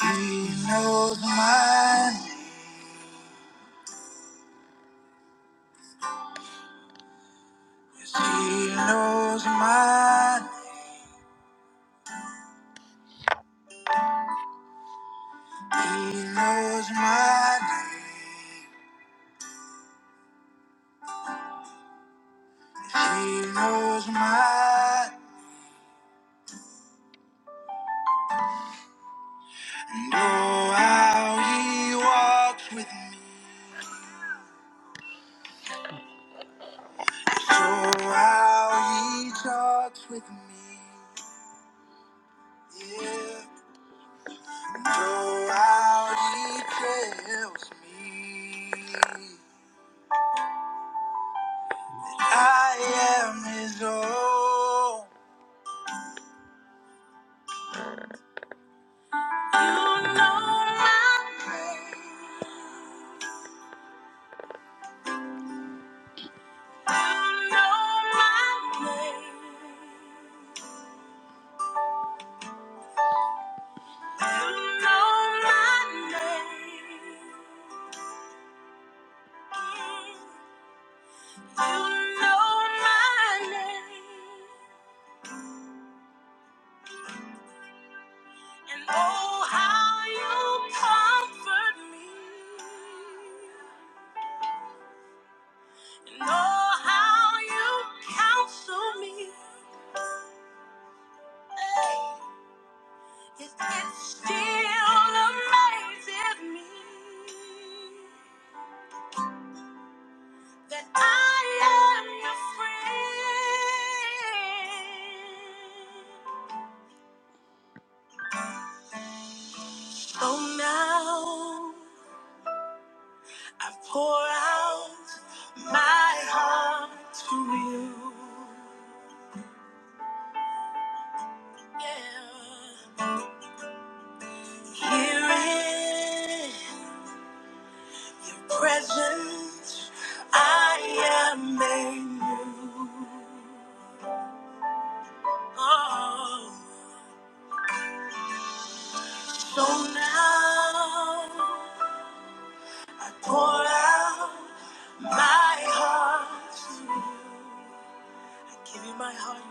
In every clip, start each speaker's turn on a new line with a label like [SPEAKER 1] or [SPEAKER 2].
[SPEAKER 1] He knows mine. Yes, he knows mine. He knows my name. Yes, he knows mine. And oh, how he walks with me. Yes, oh, how he talks with me. Yeah. And oh, how he tells me I am his own. Here in your presence, I am made new. Oh, so now I pour out my heart. I give you my heart,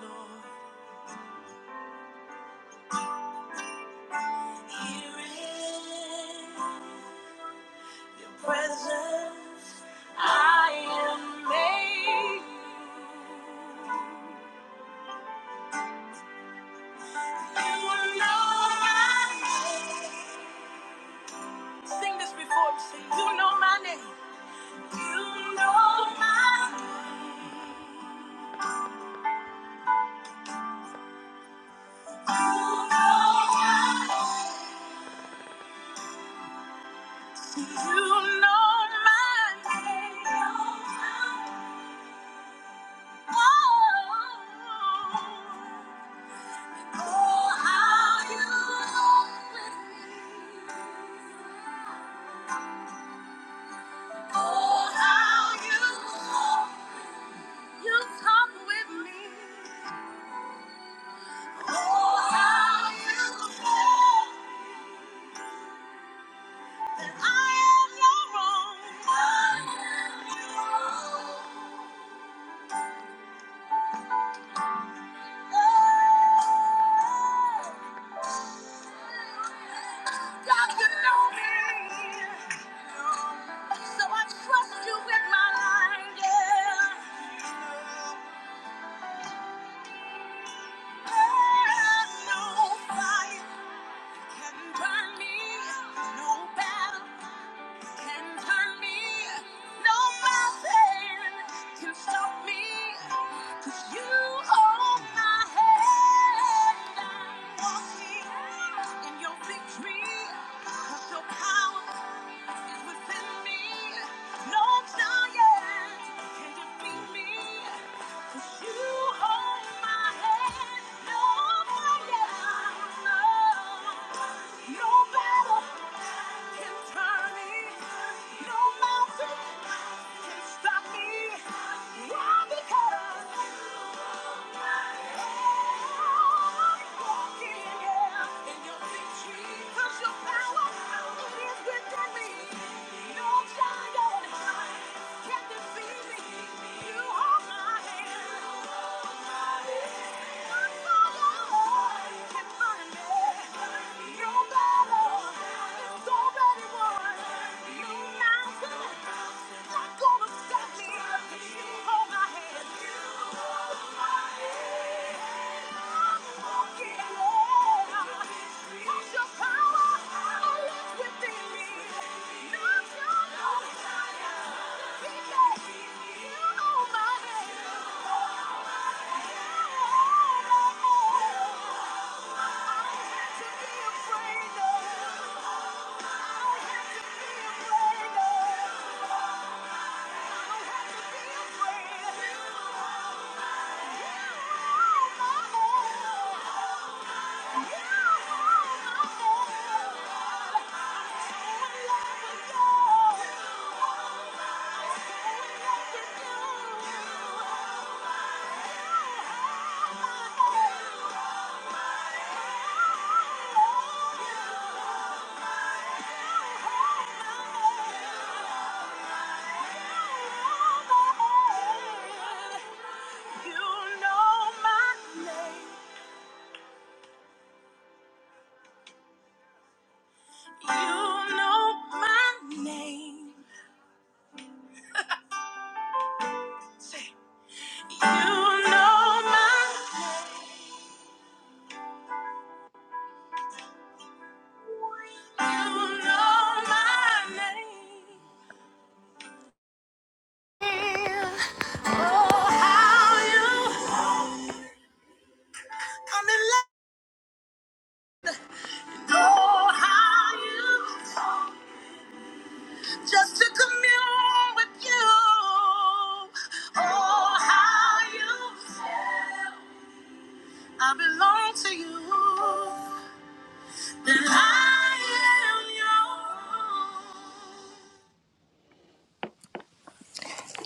[SPEAKER 1] Lord.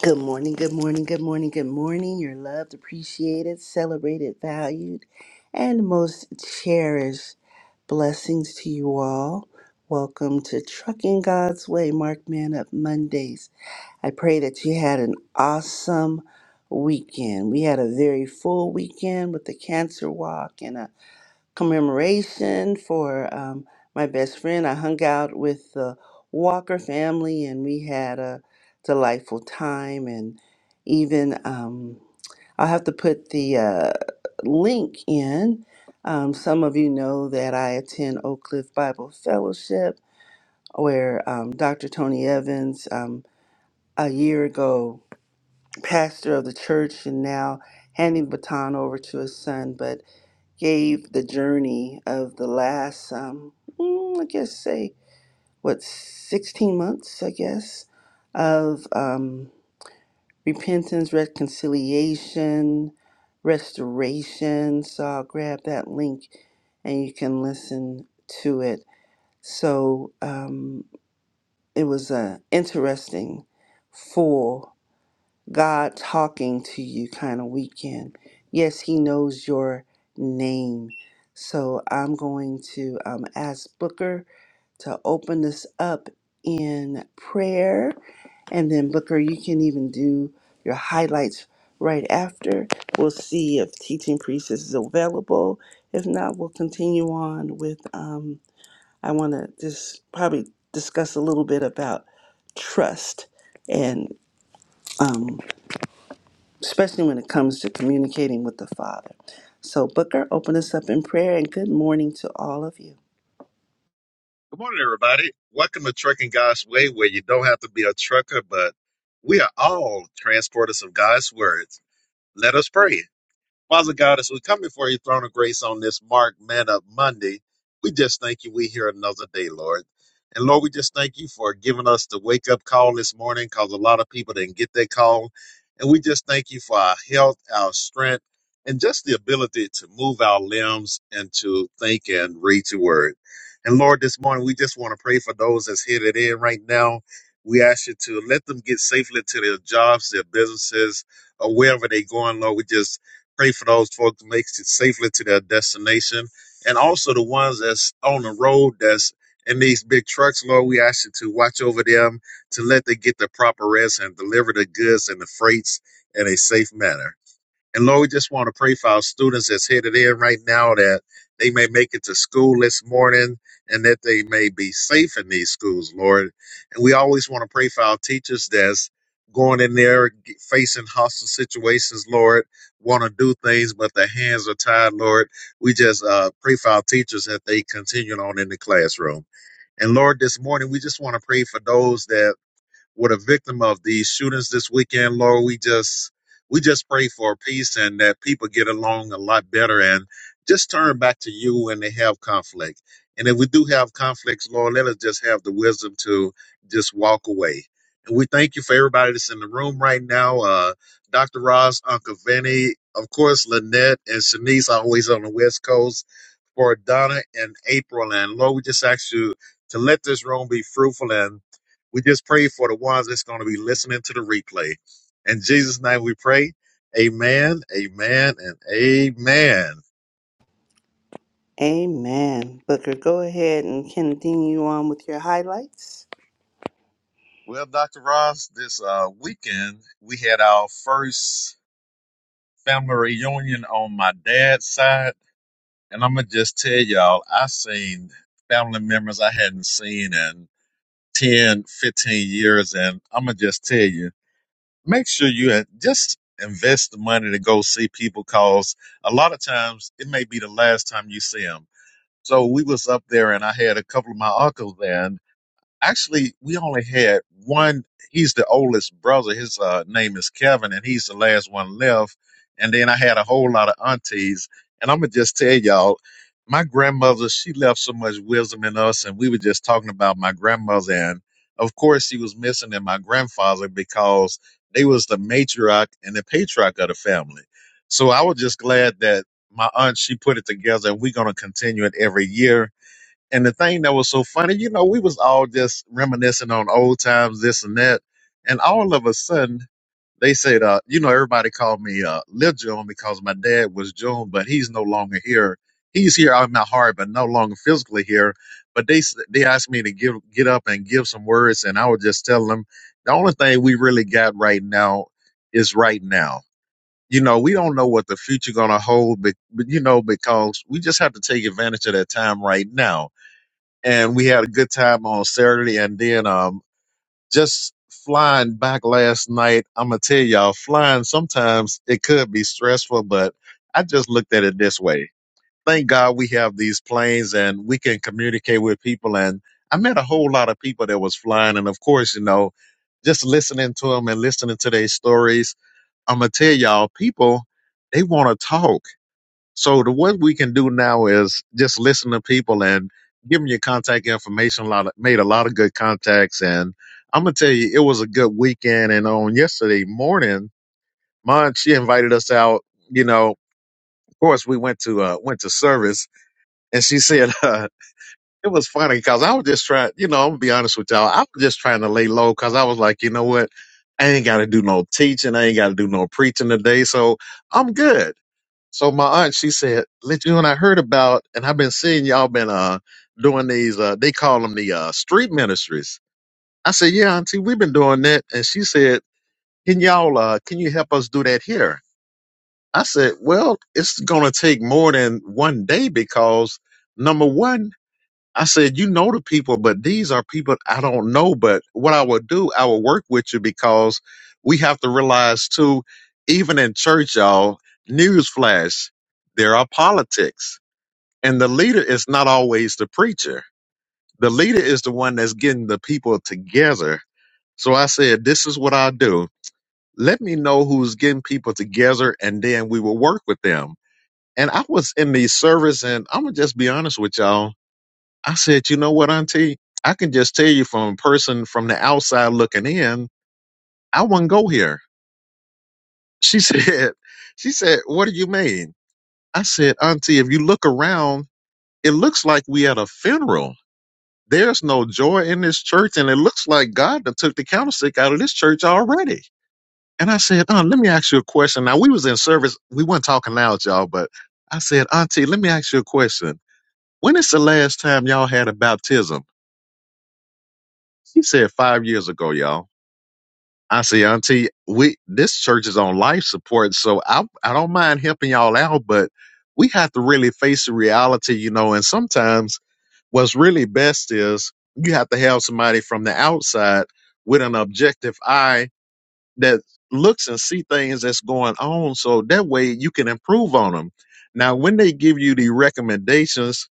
[SPEAKER 1] Good morning, good morning, good morning, good morning. You're loved, appreciated, celebrated, valued, and most cherished. Blessings to you all. Welcome to Trucking God's Way, Mark Man Up Mondays. I pray that you had an awesome weekend. We had a very full weekend with the cancer walk and a commemoration for um, my best friend. I hung out with the Walker family and we had a delightful time. And even um, I'll have to put the uh, link in. Um, some of you know that I attend Oak Cliff Bible Fellowship, where um, Dr. Tony Evans, um, a year ago, pastor of the church, and now handing the baton over to his son. But gave the journey of the last, um, mm, I guess, say, what, 16 months, I guess, of um, repentance, reconciliation, restoration. So I'll grab that link and you can listen to it. So um, it was uh, interesting, full. God talking to you kind of weekend. Yes, He knows your name. So I'm going to um, ask Booker to open this up in prayer. And then, Booker, you can even do your highlights right after. We'll see if Teaching Priest is available. If not, we'll continue on with. Um, I want to just probably discuss a little bit about trust and. um, especially when it comes to communicating with the Father. So, Booker, open us up in prayer and good morning to all of you.
[SPEAKER 2] Good morning, everybody. Welcome to Trucking God's Way, where you don't have to be a trucker, but we are all transporters of God's words. Let us pray. Father God, as we come before your throne of grace on this Mark Man Up Monday, we just thank you. We hear another day, Lord. And Lord, we just thank you for giving us the wake up call this morning because a lot of people didn't get that call. And we just thank you for our health, our strength, and just the ability to move our limbs and to think and read your word. And Lord, this morning we just want to pray for those that's headed in right now. We ask you to let them get safely to their jobs, their businesses, or wherever they're going, Lord. We just Pray for those folks who makes it safely to their destination, and also the ones that's on the road that's in these big trucks. Lord, we ask you to watch over them, to let them get the proper rest and deliver the goods and the freights in a safe manner. And Lord, we just want to pray for our students that's headed in right now that they may make it to school this morning and that they may be safe in these schools, Lord. And we always want to pray for our teachers that's going in there g- facing hostile situations, Lord, want to do things, but their hands are tied, Lord. We just uh, pray for our teachers that they continue on in the classroom. And Lord, this morning we just want to pray for those that were the victim of these shootings this weekend, Lord. We just we just pray for peace and that people get along a lot better and just turn back to you when they have conflict. And if we do have conflicts, Lord, let us just have the wisdom to just walk away. And we thank you for everybody that's in the room right now. Uh, Dr. Ross, Uncle Vinny, of course, Lynette and Shanice always on the West Coast for Donna and April. And Lord, we just ask you to let this room be fruitful. And we just pray for the ones that's going to be listening to the replay. In Jesus' name we pray. Amen, amen, and amen.
[SPEAKER 1] Amen. Booker, go ahead and continue on with your highlights.
[SPEAKER 2] Well, Dr. Ross, this uh, weekend we had our first family reunion on my dad's side. And I'm going to just tell y'all, I seen family members I hadn't seen in 10, 15 years. And I'm going to just tell you, make sure you in- just invest the money to go see people cause a lot of times it may be the last time you see them. So we was up there and I had a couple of my uncles there and Actually, we only had one. He's the oldest brother. His uh, name is Kevin, and he's the last one left. And then I had a whole lot of aunties. And I'm gonna just tell y'all, my grandmother, she left so much wisdom in us. And we were just talking about my grandmother, and of course, she was missing in my grandfather because they was the matriarch and the patriarch of the family. So I was just glad that my aunt she put it together, and we're gonna continue it every year and the thing that was so funny, you know, we was all just reminiscing on old times, this and that. And all of a sudden, they said, uh, you know, everybody called me uh, Lil June because my dad was June, but he's no longer here. He's here out in my heart, but no longer physically here. But they s- they asked me to give get up and give some words, and I would just tell them the only thing we really got right now is right now. You know, we don't know what the future gonna hold, but, but you know, because we just have to take advantage of that time right now and we had a good time on Saturday. And then um, just flying back last night, I'm gonna tell y'all, flying sometimes it could be stressful, but I just looked at it this way. Thank God we have these planes and we can communicate with people. And I met a whole lot of people that was flying, and of course, you know, just listening to them and listening to their stories. I'm gonna tell y'all, people they want to talk so the what we can do now is just listen to people and give them your contact information. A lot of, made a lot of good contacts, and I'm gonna tell you, it was a good weekend. And on yesterday morning, Mon she invited us out. You know, of course we went to uh, went to service, and she said uh, it was funny because I was just trying. You know, I'm gonna be honest with y'all. I was just trying to lay low because I was like, you know what. I ain't got to do no teaching. I ain't got to do no preaching today. So I'm good. So my aunt, she said, "Let you and I heard about, and I've been seeing y'all been uh doing these. Uh, they call them the uh, street ministries." I said, "Yeah, auntie, we've been doing that." And she said, "Can y'all? Uh, can you help us do that here?" I said, "Well, it's gonna take more than one day because number one." I said, you know the people, but these are people I don't know. But what I would do, I would work with you because we have to realize too, even in church, y'all, newsflash, there are politics. And the leader is not always the preacher. The leader is the one that's getting the people together. So I said, this is what I do. Let me know who's getting people together and then we will work with them. And I was in the service and I'm going to just be honest with y'all I said, you know what, Auntie? I can just tell you from a person from the outside looking in, I wouldn't go here. She said, she said, what do you mean? I said, Auntie, if you look around, it looks like we at a funeral. There's no joy in this church, and it looks like God done took the candlestick out of this church already. And I said, Aunt, let me ask you a question. Now we was in service, we weren't talking loud, y'all, but I said, Auntie, let me ask you a question. When is the last time y'all had a baptism? She said five years ago, y'all. I say, Auntie, we this church is on life support, so I I don't mind helping y'all out, but we have to really face the reality, you know. And sometimes what's really best is you have to have somebody from the outside with an objective eye that looks and see things that's going on, so that way you can improve on them. Now, when they give you the recommendations,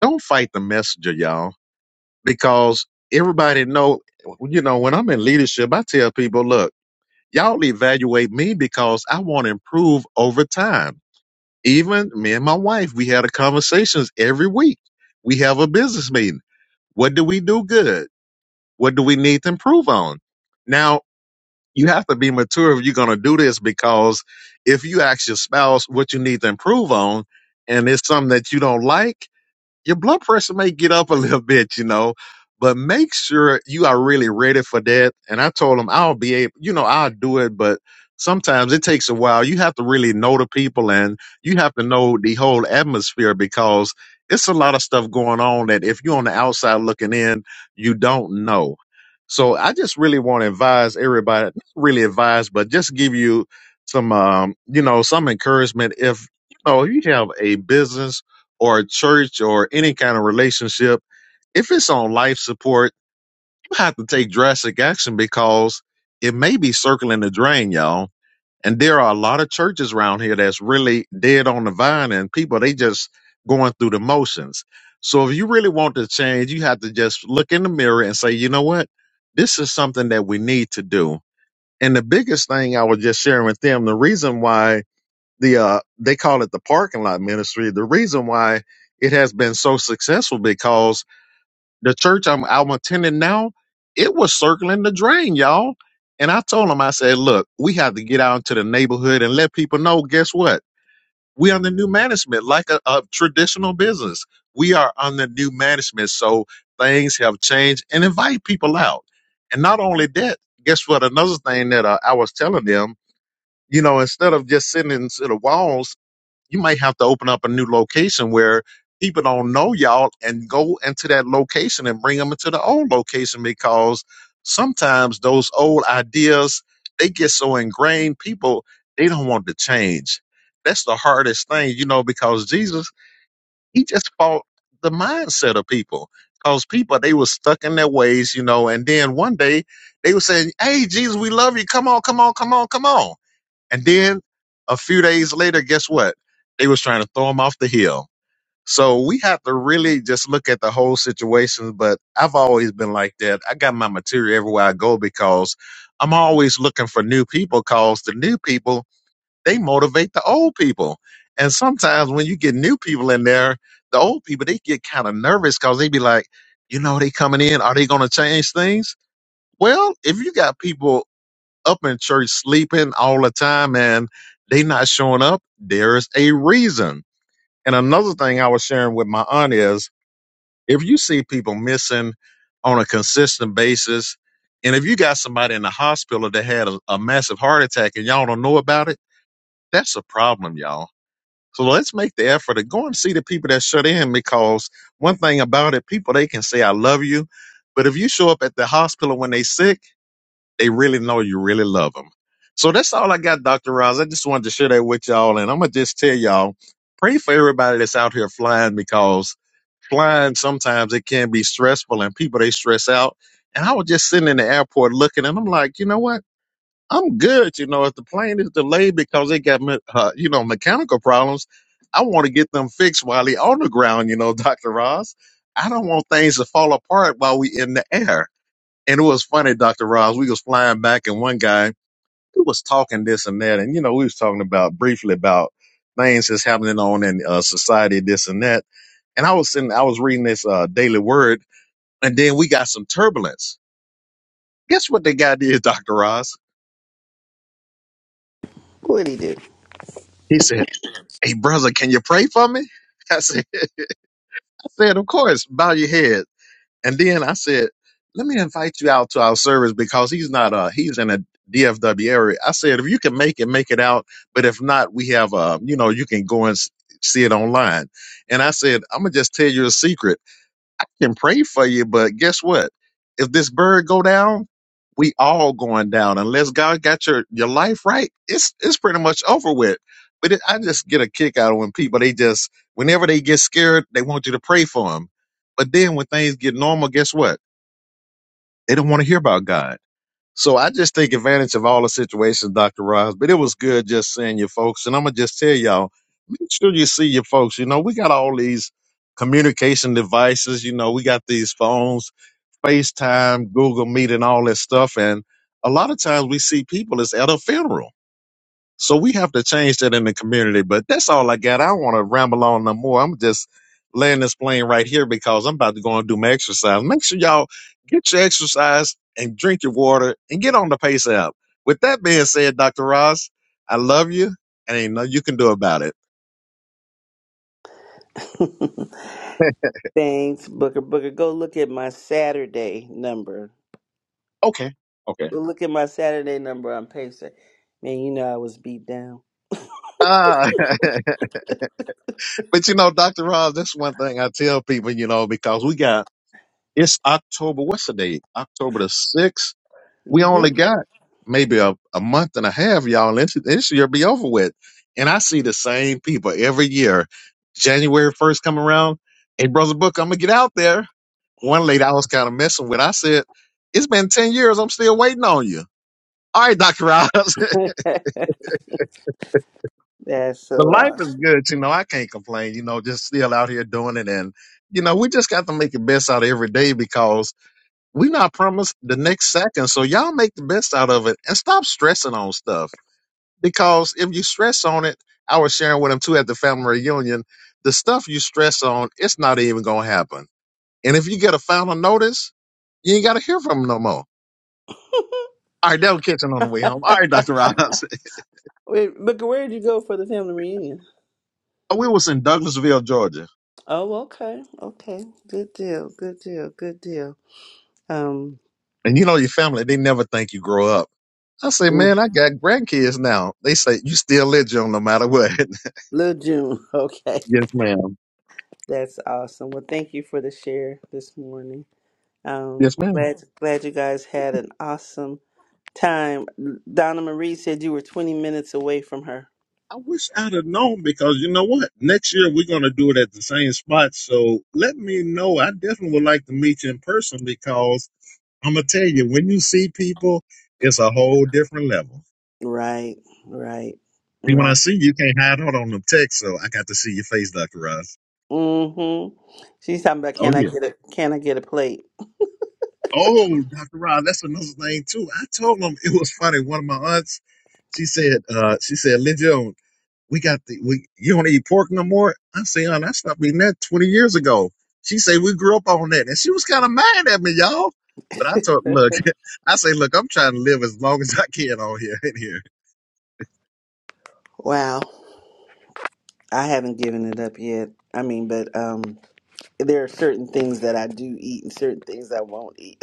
[SPEAKER 2] don't fight the messenger, y'all, because everybody know, you know, when I'm in leadership, I tell people, look. Y'all evaluate me because I want to improve over time. Even me and my wife, we had a conversations every week. We have a business meeting. What do we do good? What do we need to improve on? Now, you have to be mature if you're going to do this because if you ask your spouse what you need to improve on and it's something that you don't like, your blood pressure may get up a little bit, you know, but make sure you are really ready for that. And I told him I'll be able, you know, I'll do it, but sometimes it takes a while. You have to really know the people and you have to know the whole atmosphere because it's a lot of stuff going on that if you're on the outside looking in, you don't know. So I just really want to advise everybody, not really advise, but just give you some, um, you know, some encouragement. If, you know, you have a business or a church or any kind of relationship, if it's on life support, you have to take drastic action because it may be circling the drain, y'all. And there are a lot of churches around here that's really dead on the vine and people, they just going through the motions. So if you really want to change, you have to just look in the mirror and say, you know what? This is something that we need to do. And the biggest thing I was just sharing with them, the reason why the uh they call it the parking lot ministry. The reason why it has been so successful because the church I'm I'm attending now, it was circling the drain, y'all. And I told them, I said, look, we have to get out into the neighborhood and let people know, guess what? We under new management, like a, a traditional business. We are under new management. So things have changed and invite people out. And not only that, guess what? Another thing that uh, I was telling them, you know, instead of just sitting into the walls you might have to open up a new location where people don't know y'all and go into that location and bring them into the old location because sometimes those old ideas they get so ingrained people they don't want to change that's the hardest thing you know because jesus he just fought the mindset of people because people they were stuck in their ways you know and then one day they were saying hey jesus we love you come on come on come on come on and then a few days later, guess what? They was trying to throw him off the hill. So we have to really just look at the whole situation. But I've always been like that. I got my material everywhere I go because I'm always looking for new people because the new people, they motivate the old people. And sometimes when you get new people in there, the old people, they get kind of nervous because they be like, you know, they coming in. Are they going to change things? Well, if you got people up in church sleeping all the time and they not showing up, there's a reason. And another thing I was sharing with my aunt is if you see people missing on a consistent basis, and if you got somebody in the hospital that had a, a massive heart attack and y'all don't know about it, that's a problem, y'all. So let's make the effort to go and see the people that shut in because one thing about it, people they can say I love you, but if you show up at the hospital when they sick, they really know you really love them. So that's all I got, Dr. Roz. I just wanted to share that with y'all. And I'm going to just tell y'all, pray for everybody that's out here flying because flying sometimes it can be stressful and people, they stress out. And I was just sitting in the airport looking and I'm like, you know what? I'm good. You know, if the plane is delayed because they got, me- uh, you know, mechanical problems, I want to get them fixed while they on the ground, you know, Dr. Roz. I don't want things to fall apart while we in the air. And it was funny, Dr. Ross, we was flying back and one guy who was talking this and that. And, you know, we was talking about briefly about things that's happening on in uh, society, this and that. And I was sitting, I was reading this uh, daily word and then we got some turbulence. Guess what the guy did, Dr. Ross?
[SPEAKER 1] What'd he
[SPEAKER 2] He said, Hey brother, can you pray for me? I said, I said, of course, bow your head. And then I said, let me invite you out to our service because he's not uh he's in a DFW area. I said, if you can make it, make it out. But if not, we have uh, you know, you can go and s- see it online. And I said, I'm gonna just tell you a secret can pray for you, but guess what? If this bird go down, we all going down. Unless God got your your life right, it's it's pretty much over with. But it, I just get a kick out of when people they just whenever they get scared, they want you to pray for them. But then when things get normal, guess what? They don't want to hear about God. So I just take advantage of all the situations, Dr. Ross. But it was good just seeing you folks. And I'm gonna just tell y'all, make sure you see your folks. You know, we got all these communication devices, you know, we got these phones FaceTime, Google Meet, and all that stuff. And a lot of times we see people is at a funeral. So we have to change that in the community. But that's all I got. I don't want to ramble on no more. I'm just laying this plane right here because I'm about to go and do my exercise. Make sure y'all get your exercise and drink your water and get on the pace app. With that being said, Dr. Ross, I love you and ain't nothing you can do about it.
[SPEAKER 1] do? Thanks, Booker. Booker, go look at my Saturday number.
[SPEAKER 2] Okay. Okay.
[SPEAKER 1] Go look at my Saturday number on Pacer. Man, you know I was beat down.
[SPEAKER 2] Ah, but you know, Dr. Ross, that's one thing I tell people, you know, because we got It's October. What's the date? October the sixth. We only
[SPEAKER 1] Mm-hmm.
[SPEAKER 2] got maybe a, a month and a half, y'all. and This, this year be over with. And I see the same people every year. January first come around. Hey, brother Book, I'm gonna get out there. One lady I was kind of messing with. I said, "It's been ten years. I'm still waiting on you." All right, Doctor Ross. the
[SPEAKER 1] That's so
[SPEAKER 2] life is
[SPEAKER 1] awesome.
[SPEAKER 2] good. You know, I can't complain. You know, just still out here doing it, and you know, we just got to make the best out of every day because we not promised the next second. So y'all make the best out of it and stop stressing on stuff. Because if you stress on it, I was sharing with him too at the family reunion, the stuff you stress on, it's not even gonna happen. And if you get a final notice, you ain't gotta hear from him no more. All right, that was catching on the way home. All right, Dr. Ross.
[SPEAKER 1] Wait, Booker, where did you go for the family reunion?
[SPEAKER 2] we was in Douglasville, Georgia.
[SPEAKER 1] Oh, okay. Okay. Good deal. Good deal. Good deal. Um,
[SPEAKER 2] And you know your family, they never think you grow up. I say,
[SPEAKER 1] Mm,
[SPEAKER 2] man, I got grandkids now. They say, you still live, Joe, no matter what.
[SPEAKER 1] Little June. Okay.
[SPEAKER 2] yes, ma'am.
[SPEAKER 1] That's awesome. Well, thank you for the share this morning. Um,
[SPEAKER 2] Yes, ma'am.
[SPEAKER 1] glad glad you guys had an awesome time. Donna Marie said you were 20 minutes away from her.
[SPEAKER 2] I wish I'd have known because you know what? Next year we're going to do it at the same spot. So let me know. I definitely would like to meet you in person because I'm going to tell you, when you see people, it's a whole different level.
[SPEAKER 1] Right, right,
[SPEAKER 2] See, when I
[SPEAKER 1] right.
[SPEAKER 2] see you, you can't hide out on them texts. So I got to see your face, Dr. Ross.
[SPEAKER 1] Mm-hmm. She's talking about
[SPEAKER 2] Oh,
[SPEAKER 1] can I
[SPEAKER 2] yeah.
[SPEAKER 1] get a can I get a plate?
[SPEAKER 2] Oh, Dr. Ross, that's another thing, too. I told him it was funny. One of my aunts, she said, uh, she said, Lynn Jones, we got the we you don't eat pork no more. I say, oh, I stopped eating that twenty years ago. She say we grew up on that, and she was kind of mad at me, y'all. But I told, look, I say, look, I'm trying to live as long as I can on here in here.
[SPEAKER 1] Wow. I haven't given it up yet. I mean, but um there are certain things that I do eat and certain things I won't eat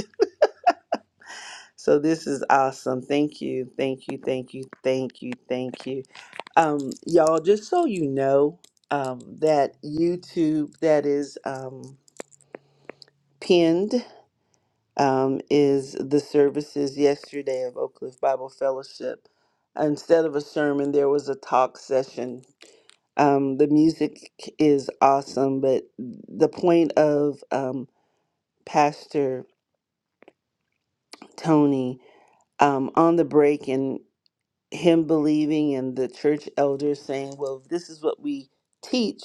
[SPEAKER 1] So this is awesome. Thank you, thank you, thank you, thank you, thank you. Um, y'all, just so you know, um, that YouTube that is um, pinned um, is the services yesterday of Oak Cliff Bible Fellowship. Instead of a sermon, there was a talk session. Um, the music is awesome, but the point of um, Pastor Tony um, on the break and. him believing and the church elders saying, well, if this is what we teach,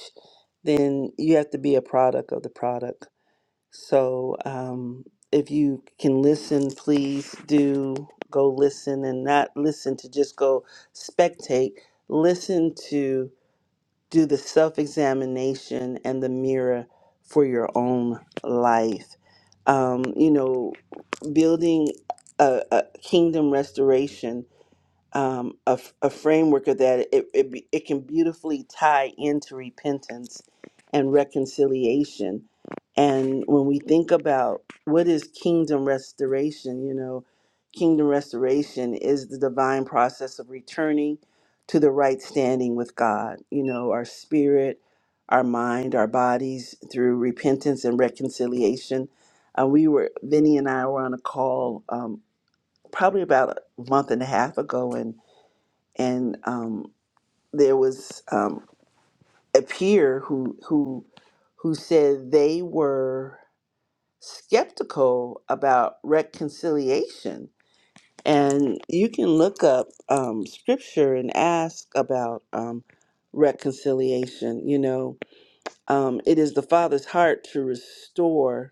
[SPEAKER 1] then you have to be a product of the product. So um, if you can listen, please do go listen and not listen to just go spectate. Listen to do the self examination and the mirror for your own life. Um, you know, building a, a kingdom restoration um, a, f- a framework of that, it, it, be- it can beautifully tie into repentance and reconciliation. And when we think about what is kingdom restoration, you know, kingdom restoration is the divine process of returning to the right standing with God, you know, our spirit, our mind, our bodies through repentance and reconciliation. Uh, we were, Vinny and I were on a call um, probably about a month and a half ago, and and um, there was um, a peer who who who said they were skeptical about reconciliation. And you can look up um, scripture and ask about um, reconciliation. You know, um, it is the Father's heart to restore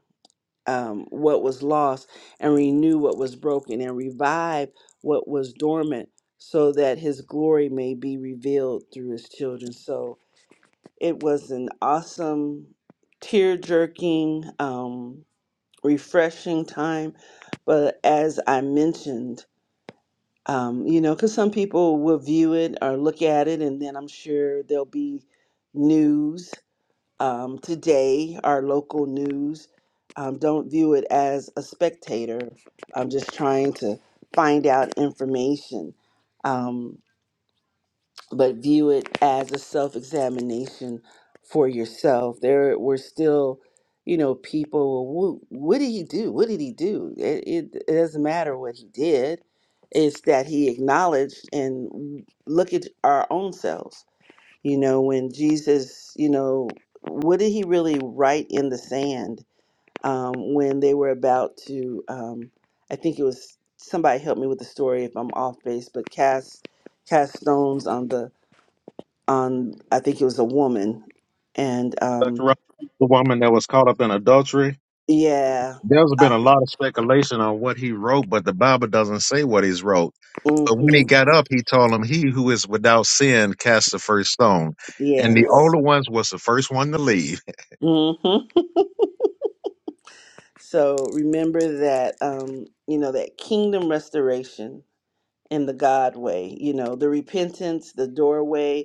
[SPEAKER 1] um, what was lost and renew what was broken and revive what was dormant so that his glory may be revealed through his children. So it was an awesome, tear jerking, um, refreshing time. But as I mentioned, um, you know, because some people will view it or look at it, and then I'm sure there'll be news um, today, our local news. Um, don't view it as a spectator. I'm just trying to find out information, um, but view it as a self examination for yourself. There were still, you know, people, what, what did he do? What did he do? It, it, it doesn't matter what he did, it's that he acknowledged and look at our own selves you know, when Jesus, you know, what did he really write in the sand um, when they were about to? Um, I think it was somebody help me with the story if I'm off base, but cast cast stones on the on. I think it was a woman, and
[SPEAKER 2] Dr.
[SPEAKER 1] um,
[SPEAKER 2] Rob, the woman that was caught up in adultery.
[SPEAKER 1] yeah,
[SPEAKER 2] There's been
[SPEAKER 1] uh,
[SPEAKER 2] a lot of speculation on what he wrote, but the Bible doesn't say what he's wrote. But when he
[SPEAKER 1] mm-hmm,
[SPEAKER 2] got up, he told him, "He who is without sin cast the first stone," and the
[SPEAKER 1] yes,
[SPEAKER 2] older ones was the first one to leave.
[SPEAKER 1] mm-hmm. So remember that um, you know that kingdom restoration in the God way. You know, the repentance, the doorway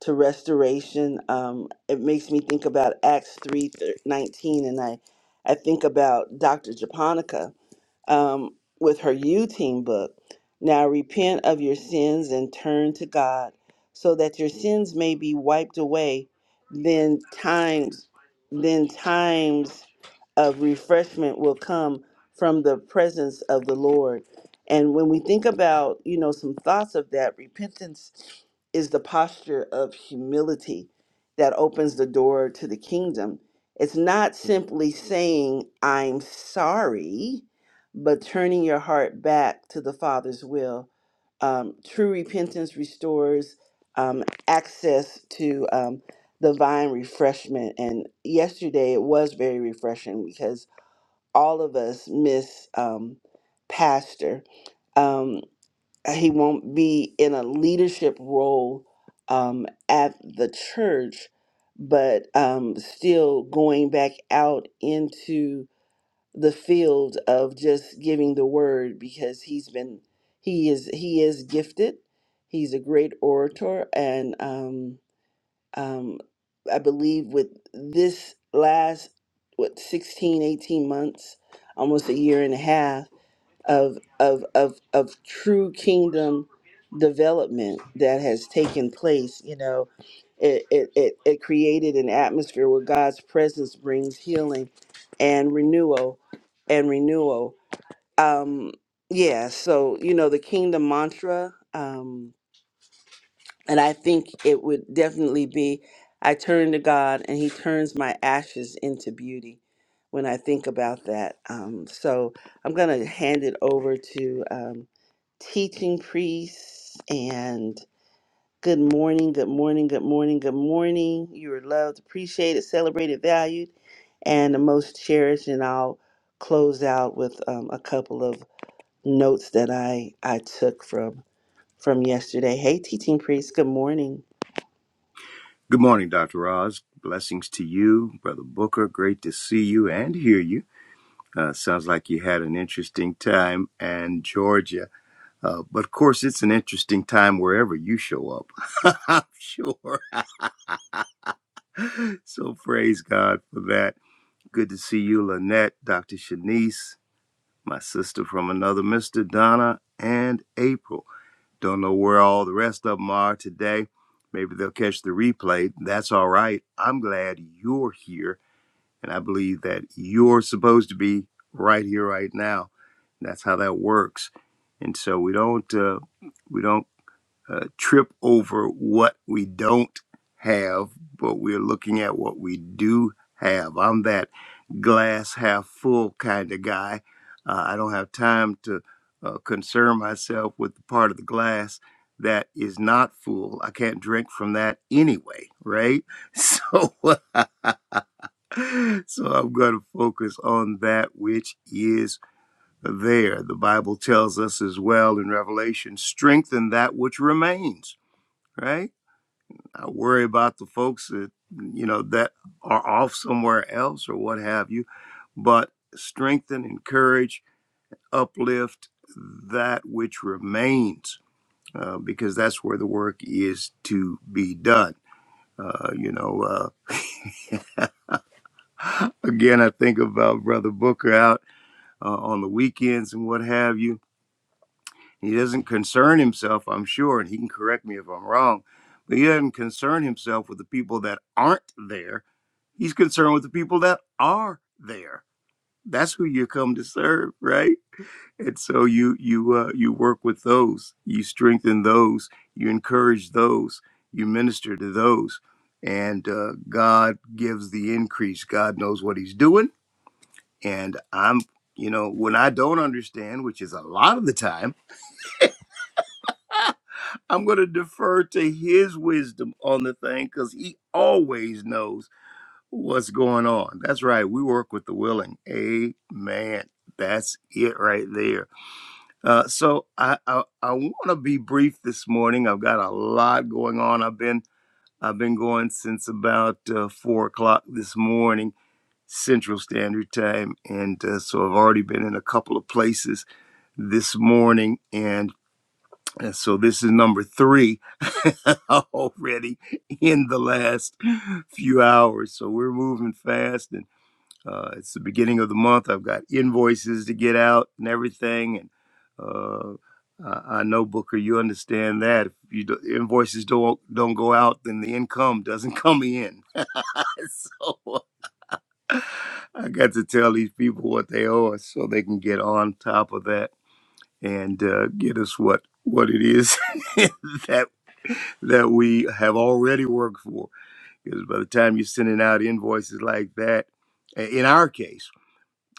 [SPEAKER 1] to restoration. Um, it makes me think about Acts three nineteen, and I, I think about Dr. Japonica um, with her U Team book. Now repent of your sins and turn to God, so that your sins may be wiped away. Then times, then times of refreshment will come from the presence of the Lord. And when we think about, you know, some thoughts of that, repentance is the posture of humility that opens the door to the kingdom. It's not simply saying, I'm sorry but turning your heart back to the Father's will. Um, true repentance restores um, access to um, divine refreshment. And yesterday it was very refreshing because all of us miss um, Pastor. Um, he won't be in a leadership role um, at the church, but um, still going back out into the field of just giving the word because he's been he is he is gifted he's a great orator and um um i believe with this last what 16 18 months almost a year and a half of of of of true kingdom development that has taken place you know it it it, it created an atmosphere where god's presence brings healing and renewal and renewal um yeah so you know the kingdom mantra um and I think it would definitely be I turn to God and He turns my ashes into beauty when I think about that. Um, so I'm going to hand it over to um, teaching priests and good morning, good morning, good morning, good morning. You are loved, appreciated, celebrated, valued, and the most cherished. And I'll close out with um, a couple of notes that I, I took from from yesterday. Hey, teaching priests, good morning.
[SPEAKER 3] Good morning, Dr. Roz. Blessings to you, Brother Booker. Great to see you and hear you. Uh, sounds like you had an interesting time in Georgia. Uh, but of course, it's an interesting time wherever you show up, I'm sure. So praise God for that. Good to see you, Lynette, Dr. Shanice, my sister from another, Mr. Donna, and April. Don't know where all the rest of them are today. Maybe they'll catch the replay. That's all right. I'm glad you're here And I believe that you're supposed to be right here, right now. That's how that works. And so we don't uh, we don't uh, trip over what we don't have, but we're looking at what we do have. I'm that glass half full kind of guy. Uh, I don't have time to uh, concern myself with the part of the glass that is not full. I can't drink from that anyway, right? So so I'm going to focus on that which is there. The Bible tells us as well in Revelation strengthen that which remains, right? I worry about the folks that, you know, that are off somewhere else or what have you, but strengthen, encourage, uplift that which remains uh, because that's where the work is to be done. Uh, you know, uh, again, I think about Brother Booker out. uh, on the weekends and what have you. He doesn't concern himself, I'm sure, and he can correct me if I'm wrong, but he doesn't concern himself with the people that aren't there. He's concerned with the people that are there. That's who you come to serve, right? And so you you uh, you work with those, you strengthen those, you encourage those, you minister to those, and uh, God gives the increase. God knows what He's doing and I'm, you know, when I don't understand, which is a lot of the time, I'm going to defer to his wisdom on the thing because he always knows what's going on. That's right. We work with the willing. Amen. That's it right there. Uh, so I I, I want to be brief this morning. I've got a lot going on. I've been I've been going since about uh, four o'clock this morning Central Standard Time, and uh, so I've already been in a couple of places this morning. And uh, so this is number three already in the last few hours. So we're moving fast. And uh, it's the beginning of the month. I've got invoices to get out and everything. And uh, I I know, Booker, you understand that. If you do, invoices don't, don't go out, then the income doesn't come in. so I got to tell these people what they owe us so they can get on top of that and uh, get us what what it is that that we have already worked for. Because by the time you're sending out invoices like that, i- in our case,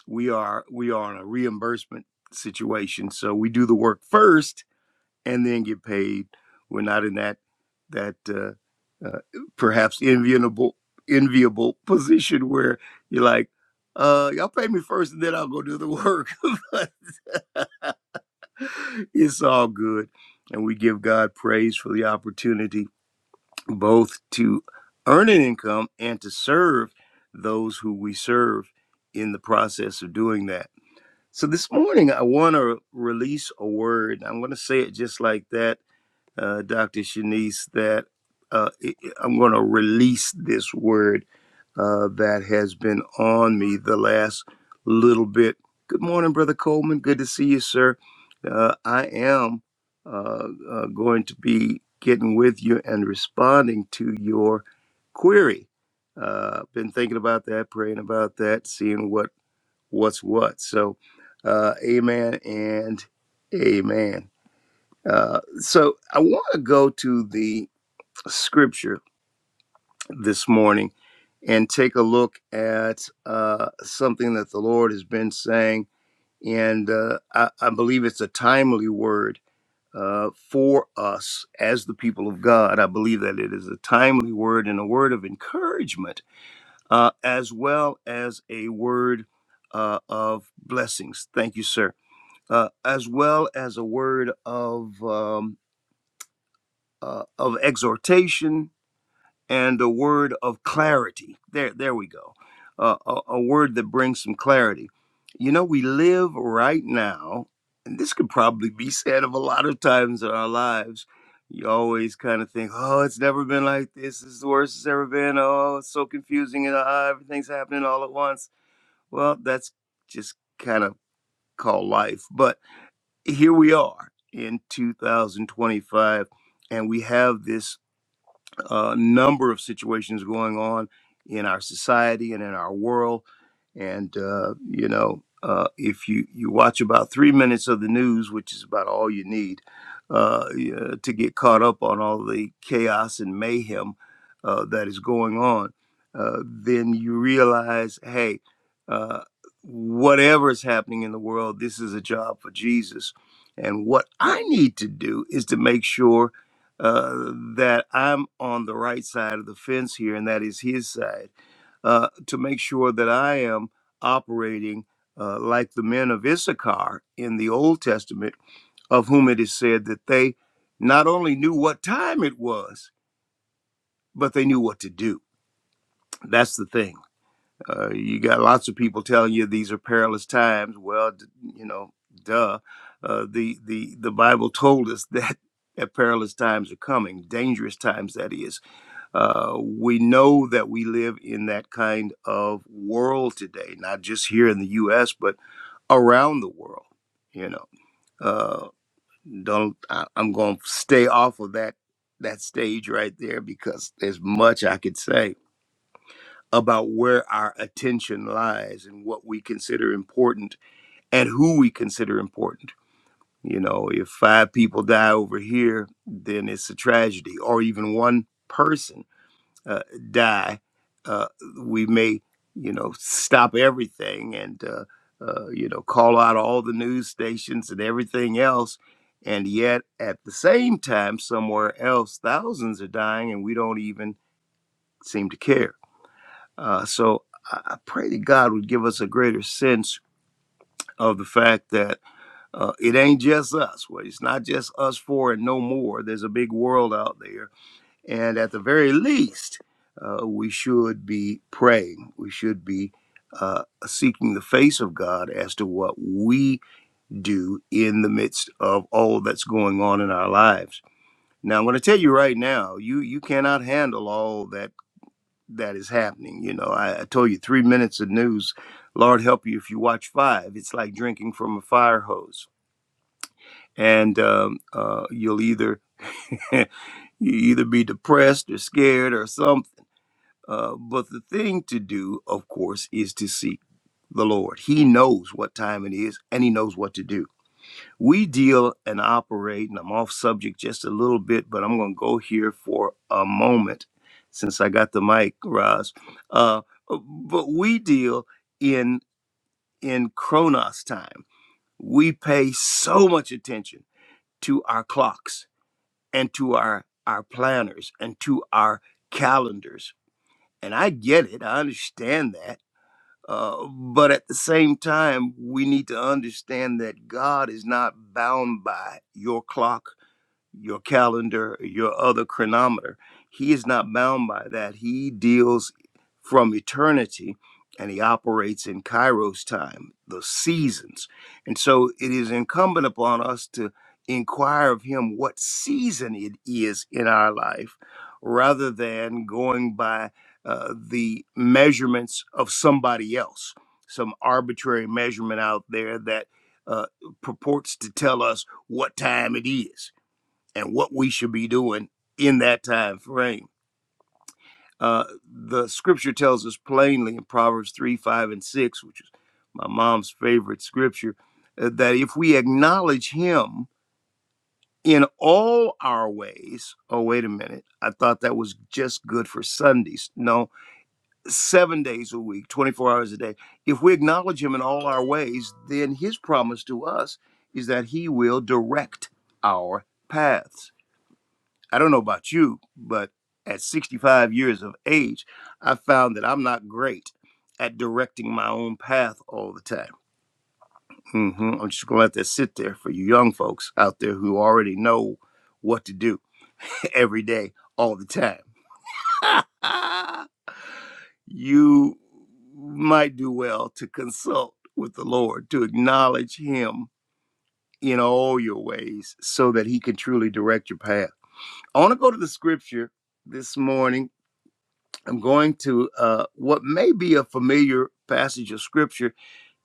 [SPEAKER 3] we are we are in a reimbursement situation, so we do the work first and then get paid. We're not in that that uh, uh, perhaps enviable enviable position where you're like, uh, y'all pay me first and then I'll go do the work. it's all good. And we give God praise for the opportunity both to earn an income and to serve those who we serve in the process of doing that. So this morning, I want to release a word. I'm going to say it just like that, uh, Dr. Shanice, that uh, it- it- I'm going to release this word uh, that has been on me the last little bit. Good morning, Brother Coleman. Good to see you, sir. Uh, I am uh, uh, going to be getting with you and responding to your query. Uh, been thinking about that, praying about that, seeing what what's what. So, uh, amen and amen. Uh, so, I want to go to the scripture this morning and take a look at uh, something that the Lord has been saying. And uh, I, I believe it's a timely word uh, for us as the people of God. I believe that it is a timely word and a word of encouragement, uh, as well as a word uh, of blessings. Thank you, sir. Uh, as well as a word of um, uh, of exhortation and a word of clarity. There, there we go. Uh, a, a word that brings some clarity. You know, we live right now, and this could probably be said of a lot of times in our lives. You always kind of think, oh, it's never been like this. This is the worst it's ever been. Oh, it's so confusing, and uh, everything's happening all at once. Well, that's just kind of called life. But here we are in 2025, and we have this uh, number of situations going on in our society and in our world. And uh, you know, uh, if you you watch about three minutes of the news, which is about all you need uh, yeah, to get caught up on all the chaos and mayhem uh, that is going on, uh, then you realize, hey. Uh, Whatever is happening in the world, this is a job for Jesus. And what I need to do is to make sure uh, that I'm on the right side of the fence here, and that is his side, uh, to make sure that I am operating uh, like the men of Issachar in the Old Testament, of whom it is said that they not only knew what time it was, but they knew what to do. That's the thing. Uh, you got lots of people telling you these are perilous times. Well, d- you know, duh. Uh, the the the Bible told us that that perilous times are coming, dangerous times that is uh, we know that we live in that kind of world today, not just here in the U.S., but around the world. You know, uh, don't I, I'm going to stay off of that that stage right there because there's much I could say about where our attention lies and what we consider important and who we consider important. You know, if five people die over here, then it's a tragedy, or even one person uh, die, uh, we may, you know, stop everything and, uh, uh, you know, call out all the news stations and everything else. And yet, at the same time, somewhere else, thousands are dying and we don't even seem to care. Uh, so I I pray that God would give us a greater sense of the fact that uh, it ain't just us. Well, it's not just us four and no more. There's a big world out there and at the very least, uh, we should be praying. We should be uh, seeking the face of God as to what we do in the midst of all that's going on in our lives. Now, I'm going to tell you right now, you you cannot handle all that that is happening. You know, I, I told you three minutes of news. Lord help you if you watch five. It's like drinking from a fire hose, and um, uh, you'll either you either be depressed or scared or some. Uh, but the thing to do, of course, is to seek the Lord. He knows what time it is and He knows what to do. We deal and operate, and I'm off subject just a little bit, but I'm going to go here for a moment since I got the mic, Roz. Uh, but we deal in in Chronos time. We pay so much attention to our clocks and to our our planners and to our calendars. And I get it. I understand that uh, but at the same time, we need to understand that God is not bound by your clock your calendar, your other chronometer. He is not bound by that. He deals from eternity and he operates in Kairos time, the seasons. And so it is incumbent upon us to inquire of him what season it is in our life rather than going by uh, the measurements of somebody else, some arbitrary measurement out there that uh, purports to tell us what time it is and what we should be doing in that time frame. Uh, the scripture tells us plainly in Proverbs 3, 5, and 6, which is my mom's favorite scripture, uh, that if we acknowledge him in all our ways, oh, wait a minute, I thought that was just good for Sundays. No, seven days a week, 24 hours a day. If we acknowledge him in all our ways, then his promise to us is that he will direct our paths I don't know about you, but at 65 years of age, I found that I'm not great at directing my own path all the time. hmm I'm just going to let that sit there for you young folks out there who already know what to do every day, all the time. you might do well to consult with the Lord, to acknowledge Him in all your ways so that He can truly direct your path. I want to go to the scripture this morning I'm going to uh, what may be a familiar passage of scripture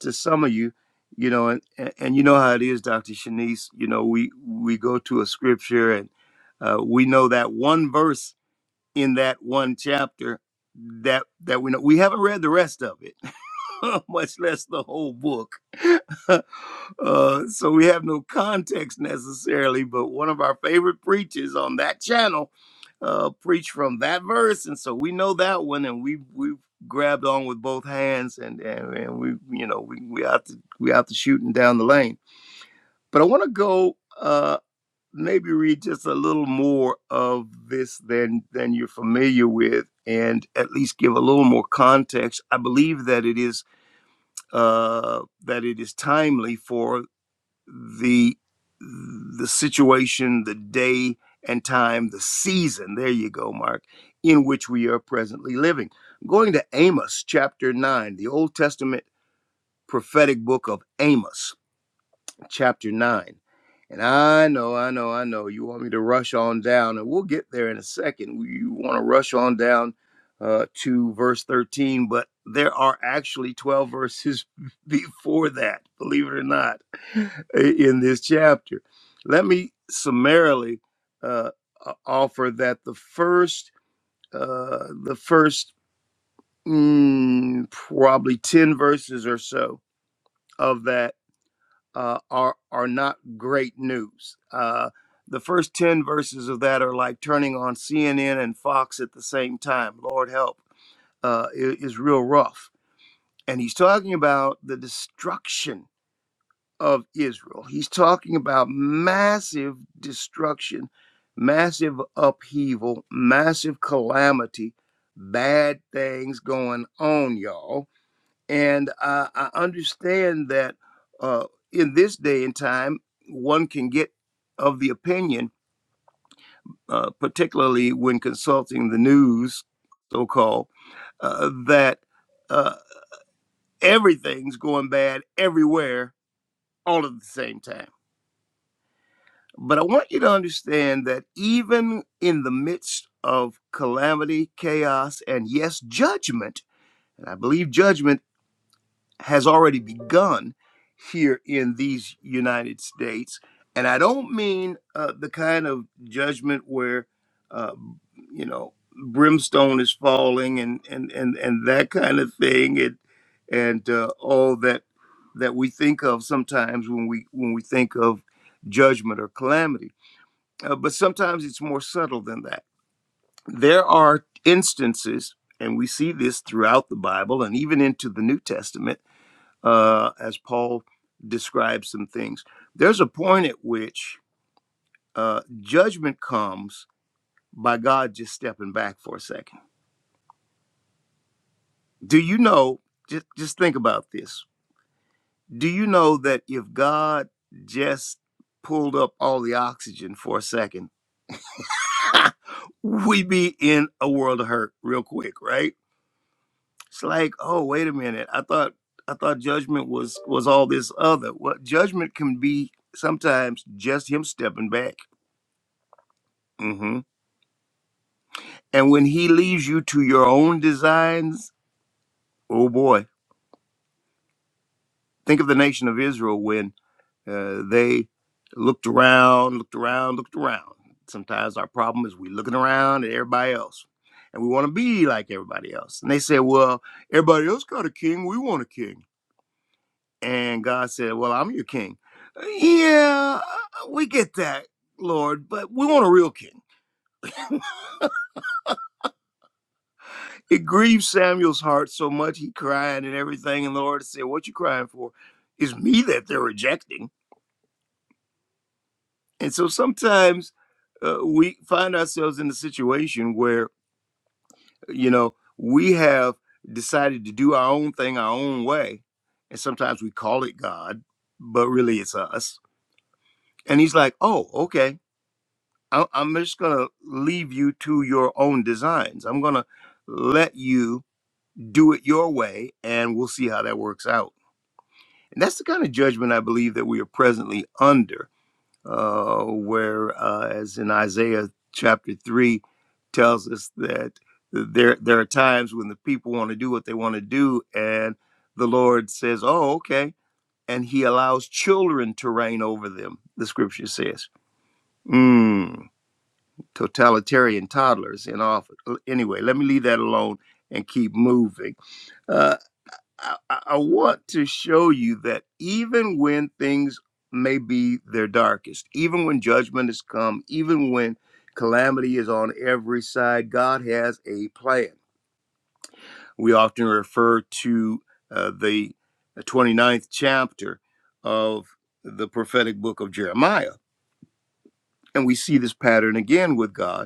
[SPEAKER 3] to some of you, you know, and, and and you know how it is, Dr. Shanice. You know, we we go to a scripture and uh, we know that one verse in that one chapter that that we know we haven't read the rest of it, much less the whole book. Uh, so we have no context necessarily, but one of our favorite preachers on that channel uh, preached from that verse, and so we know that one, and we we grabbed on with both hands, and and, and we you know we we out to we out to shooting down the lane. But I want to go uh, maybe read just a little more of this than than you're familiar with, and at least give a little more context. I believe that it is uh, that it is timely for the the situation, the day and time, the season. There you go, Mark, in which we are presently living. Going to Amos chapter 9, the Old Testament prophetic book of Amos chapter 9. And I know, I know, I know you want me to rush on down, and we'll get there in a second. You want to rush on down uh, to verse 13, but there are actually 12 verses before that, believe it or not, in this chapter. Let me summarily uh, offer that the first, uh, the first mm, probably 10 verses or so of that uh, are are not great news. Uh, the first ten verses of that are like turning on CNN and Fox at the same time. Lord help, uh, i- is real rough. And he's talking about the destruction of Israel. He's talking about massive destruction, massive upheaval, massive calamity, bad things going on, y'all and uh, I understand that uh, in this day and time, one can get of the opinion, uh, particularly when consulting the news, so called, uh, that uh, everything's going bad everywhere all at the same time. But I want you to understand that even in the midst of calamity, chaos, and yes, judgment, and I believe judgment has already begun here in these United States. And I don't mean uh, the kind of judgment where, uh, you know, brimstone is falling and, and, and, and that kind of thing and, and uh, all that that we think of sometimes when we when we think of judgment or calamity. Uh, but sometimes it's more subtle than that. There are instances, and we see this throughout the Bible and even into the New Testament, uh, as Paul describes some things. There's a point at which uh, judgment comes by God just stepping back for a second. Do you know? Just just think about this. Do you know that if God just pulled up all the oxygen for a second, we we'd be in a world of hurt real quick, right? It's like, oh, wait a minute. I thought I thought judgment was was all this other. What judgment can be sometimes just him stepping back. Mm-hmm. And when he leaves you to your own designs, oh boy, think of the nation of Israel when uh, they looked around, looked around, looked around. Sometimes our problem is we looking around at everybody else and we want to be like everybody else. And they said, well, everybody else got a king. We want a king. And God said, well, I'm your king. Yeah, we get that, Lord, but we want a real king. it grieved Samuel's heart so much he cried and everything. And the Lord said, What you crying for? It's me that they're rejecting. And so sometimes uh, we find ourselves in a situation where, you know, we have decided to do our own thing our own way. And sometimes we call it God, but really it's us. And he's like, Oh, okay. I- I'm just going to leave you to your own designs. I'm going to let you do it your way, and we'll see how that works out And that's the kind of judgment I believe that we are presently under, uh, where, uh, as in Isaiah chapter 3, tells us that there, there are times when the people want to do what they want to do, and the Lord says, Oh, okay. And he allows children to reign over them, the scripture says. Mm, totalitarian toddlers in office. Anyway, let me leave that alone and keep moving. Uh, I, I I want to show you that even when things may be their darkest, even when judgment has come, even when calamity is on every side, God has a plan. We often refer to uh, the 29th chapter of the prophetic book of Jeremiah, and we see this pattern again with God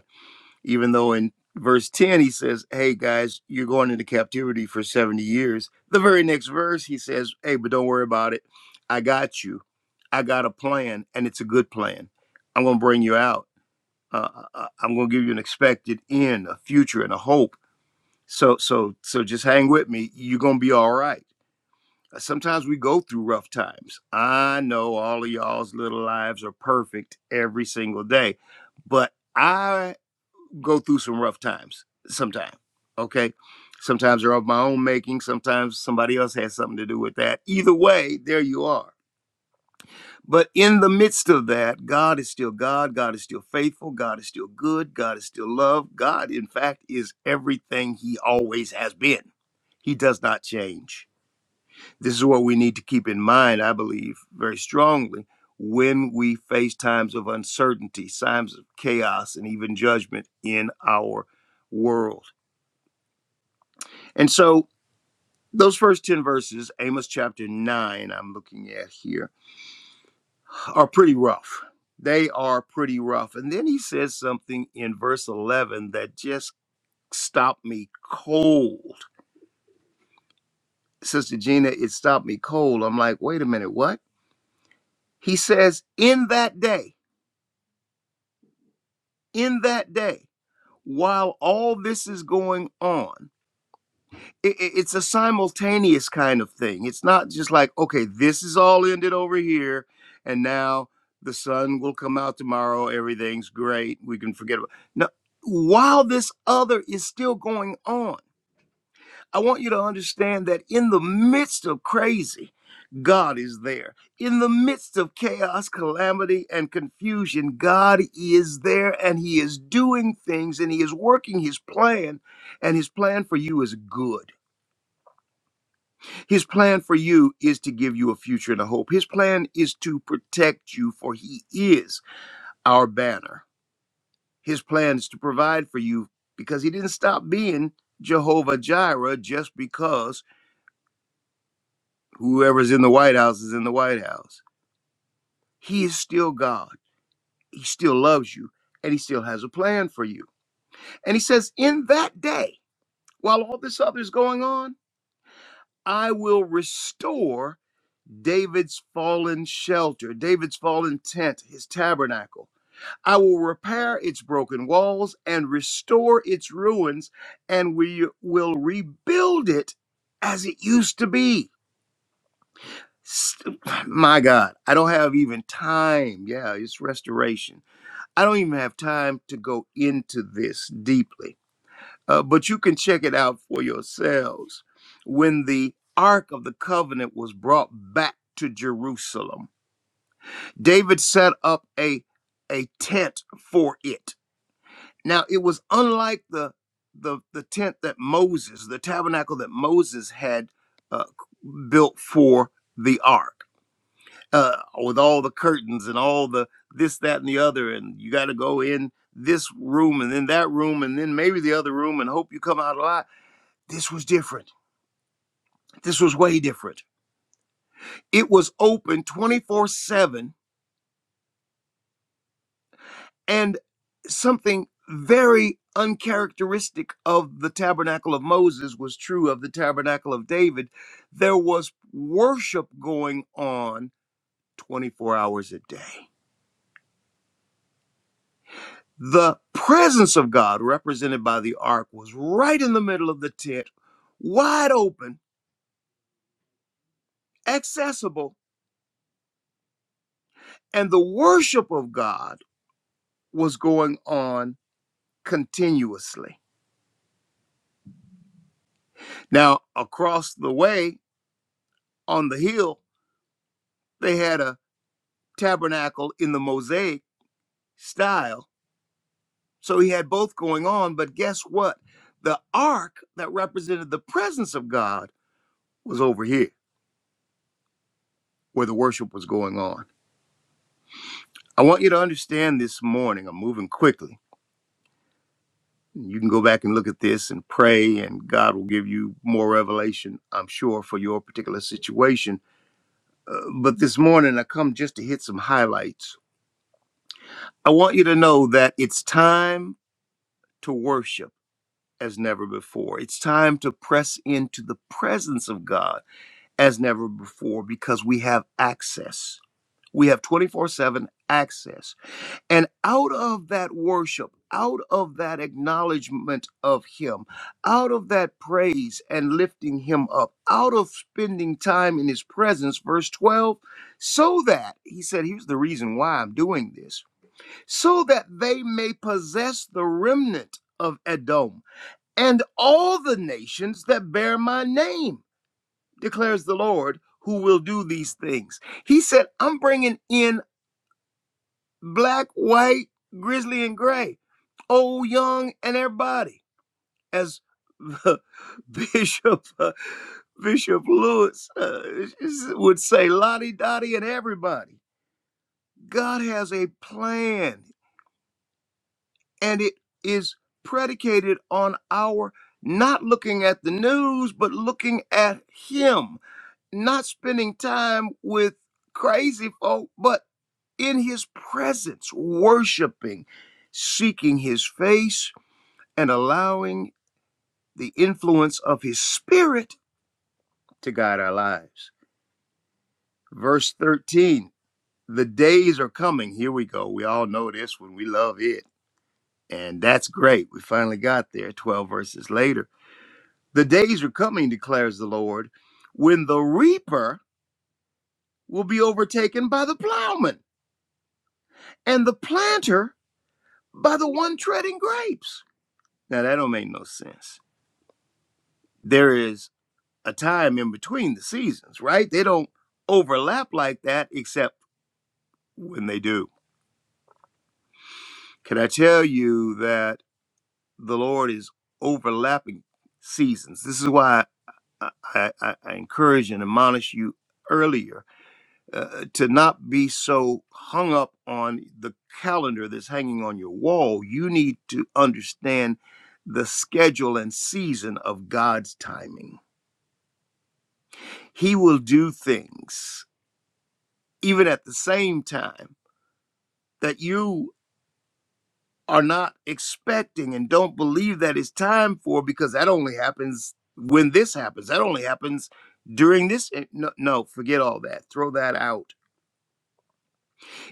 [SPEAKER 3] even though in verse 10 he says, Hey guys, you're going into captivity for 70 years. The very next verse he says, Hey, but don't worry about it. I got you. I got a plan, and it's a good plan. I'm going to bring you out. Uh, I- I'm going to give you an expected end, a future, and a hope. So, so, so just hang with me. You're going to be all right. Sometimes we go through rough times. I know all of y'all's little lives are perfect every single day, but I go through some rough times sometimes. Okay. Sometimes they're of my own making. Sometimes somebody else has something to do with that. Either way, there you are. But in the midst of that, God is still God. God is still faithful. God is still good. God is still love. God, in fact, is everything He always has been. He does not change. This is what we need to keep in mind, I believe, very strongly when we face times of uncertainty, times of chaos, and even judgment in our world And so those first 10 verses, Amos chapter 9, I'm looking at here, are pretty rough. They are pretty rough. And then he says something in verse 11 that just stopped me cold. Sister Gina, it stopped me cold. I'm like, wait a minute, what? He says, in that day, in that day, while all this is going on, it, it- it's a simultaneous kind of thing. It's not just like, okay, this is all ended over here, and now the sun will come out tomorrow. Everything's great. We can forget about. it. No, while this other is still going on, I want you to understand that in the midst of crazy, God is there. In the midst of chaos, calamity, and confusion, God is there and He is doing things and He is working His plan, and His plan for you is good. His plan for you is to give you a future and a hope. His plan is to protect you, for He is our banner. His plan is to provide for you because He didn't stop being Jehovah Jireh just because whoever's in the White House is in the White House. He is still God. He still loves you and He still has a plan for you. And He says, In that day, while all this other is going on, I will restore David's fallen shelter, David's fallen tent, his tabernacle. I will repair its broken walls and restore its ruins, and we will rebuild it as it used to be. St- My God, I don't have even time. Yeah, it's restoration. I don't even have time to go into this deeply uh, but you can check it out for yourselves. When the Ark of the Covenant was brought back to Jerusalem, David set up a, a tent for it. Now, it was unlike the, the, the tent that Moses, the tabernacle that Moses had uh, built for the Ark. Uh, with all the curtains and all the this, that, and the other, and you got to go in this room and then that room and then maybe the other room and hope you come out alive this was different. This was way different. It was open 24 7 and something very uncharacteristic of the tabernacle of Moses was true of the tabernacle of David. There was worship going on 24 hours a day. The presence of God, represented by the ark, was right in the middle of the tent, wide open, accessible, and the worship of God was going on continuously. Now, across the way on the hill, they had a tabernacle in the mosaic style. So he had both going on, but guess what? The ark that represented the presence of God was over here where the worship was going on. I want you to understand this morning. I'm moving quickly. You can go back and look at this and pray, and God will give you more revelation, I'm sure, for your particular situation. Uh, but this morning, I come just to hit some highlights I want you to know that it's time to worship as never before. It's time to press into the presence of God as never before because we have access. We have 24 7 access. And out of that worship, out of that acknowledgement of Him, out of that praise and lifting Him up, out of spending time in His presence, verse 12, so that, He said, here's the reason why I'm doing this so that they may possess the remnant of Edom and all the nations that bear my name, declares the Lord, who will do these things. He said, I'm bringing in black, white, grizzly, and gray, old, young, and everybody, as Bishop uh, Bishop Lewis uh, would say, Lottie Dottie and everybody. God has a plan. and it is predicated on our not looking at the news, but looking at Him, not spending time with crazy folk, but in His presence, worshiping, seeking His face, and allowing the influence of His Spirit to guide our lives. Verse 13 the days are coming. Here we go. We all know this one. We love it. And that's great. We finally got there 12 verses later The days are coming, declares the Lord, when the reaper will be overtaken by the plowman and the planter by the one treading grapes. Now that don't make no sense. There is a time in between the seasons, right? They don't overlap like that except when they do. Can I tell you that the Lord is overlapping seasons? This is why I, I, I encourage and admonish you earlier uh, to not be so hung up on the calendar that's hanging on your wall. You need to understand the schedule and season of God's timing. He will do things even at the same time that you are not expecting and don't believe that it's time for because that only happens when this happens. That only happens during this. eh, No, no forget all that. Throw that out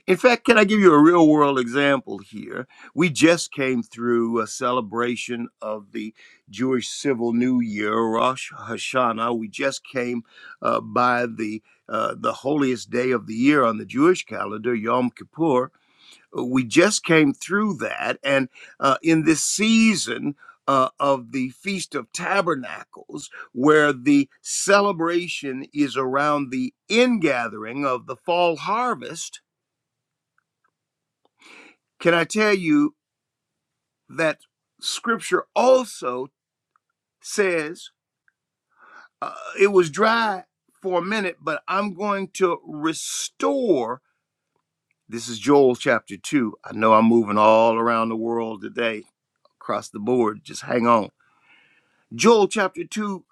[SPEAKER 3] In fact, can I give you a real world example here? We just came through a celebration of the Jewish Civil New Year, Rosh Hashanah. We just came uh, by the uh, the holiest day of the year on the Jewish calendar, Yom Kippur. We just came through that, and uh, in this season. Uh, of the Feast of Tabernacles, where the celebration is around the ingathering of the fall harvest, can I tell you that scripture also says uh, it was dry for a minute, but I'm going to restore. This is Joel chapter 2. I know I'm moving all around the world today, across the board. Just hang on. Joel chapter 2,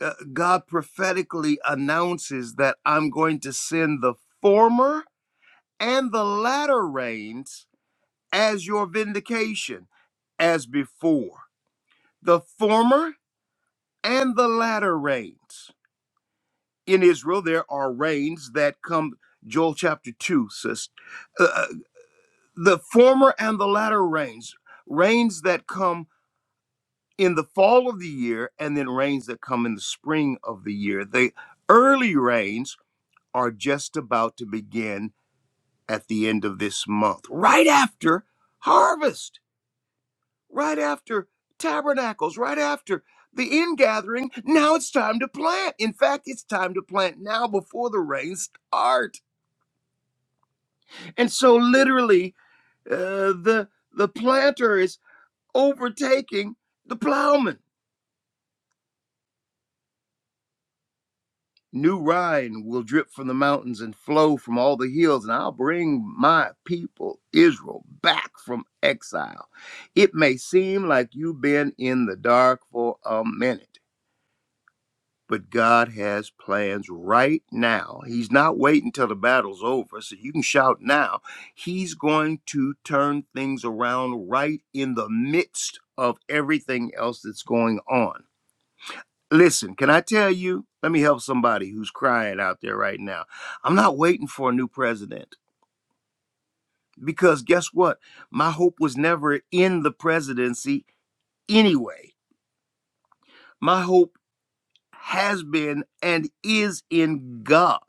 [SPEAKER 3] uh, God prophetically announces that I'm going to send the former and the latter rains as your vindication, as before. The former and the latter rains. In Israel, there are rains that come, Joel chapter 2 says, uh, uh, the former and the latter rains, rains that come in the fall of the year and then rains that come in the spring of the year. The early rains are just about to begin at the end of this month, right after harvest. right after tabernacles, right after the ingathering. Now it's time to plant. In fact, it's time to plant now before the rains start. And so, literally, uh, the the planter is overtaking the plowman. New rain will drip from the mountains and flow from all the hills, and I'll bring my people, Israel, back from exile. It may seem like you've been in the dark for a minute but God has plans right now. He's not waiting till the battle's over, so you can shout now. He's going to turn things around right in the midst of everything else that's going on. Listen, can I tell you? Let me help somebody who's crying out there right now. I'm not waiting for a new president because guess what? My hope was never in the presidency anyway. My hope has been and is in God.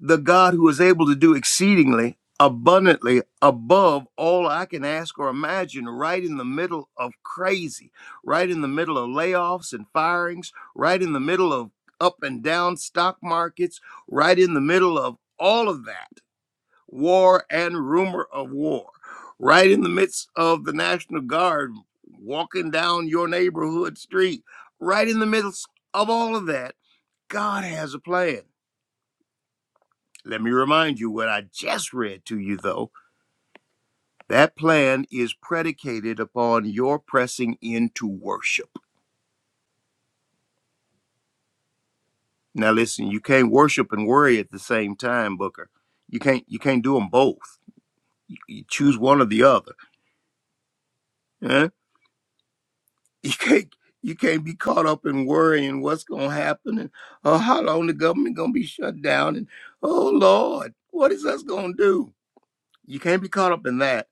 [SPEAKER 3] the God who is able to do exceedingly abundantly above all I can ask or imagine, right in the middle of crazy, right in the middle of layoffs and firings, right in the middle of up and down stock markets, right in the middle of all of that war and rumor of war, right in the midst of the National Guard walking down your neighborhood street, right in the midst of all of that. God has a plan. Let me remind you what I just read to you, though. That plan is predicated upon your pressing into worship. Now, listen, you can't worship and worry at the same time, Booker. You can't you can't do them both. You, you choose one or the other. huh? You can't you can't be caught up in worrying what's going to happen and oh how long the government going to be shut down and oh Lord, what is us going to do? You can't be caught up in that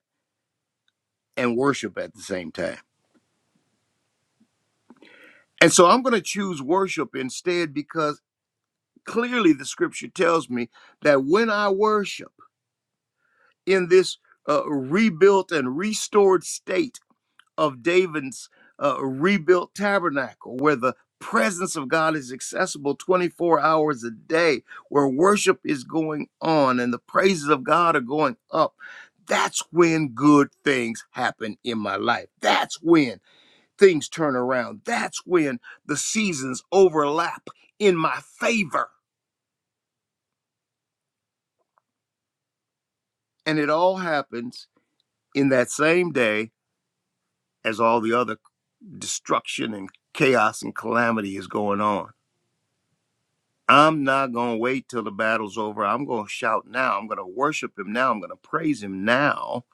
[SPEAKER 3] and worship at the same time. And so I'm going to choose worship instead because clearly the scripture tells me that when I worship in this uh, rebuilt and restored state of David's uh, rebuilt tabernacle, where the presence of God is accessible 24 hours a day, where worship is going on and the praises of God are going up, that's when good things happen in my life. That's when things turn around. That's when the seasons overlap in my favor. And it all happens in that same day as all the other destruction and chaos and calamity is going on. I'm not going to wait till the battle's over. I'm going to shout now. I'm going to worship him now. I'm going to praise him now.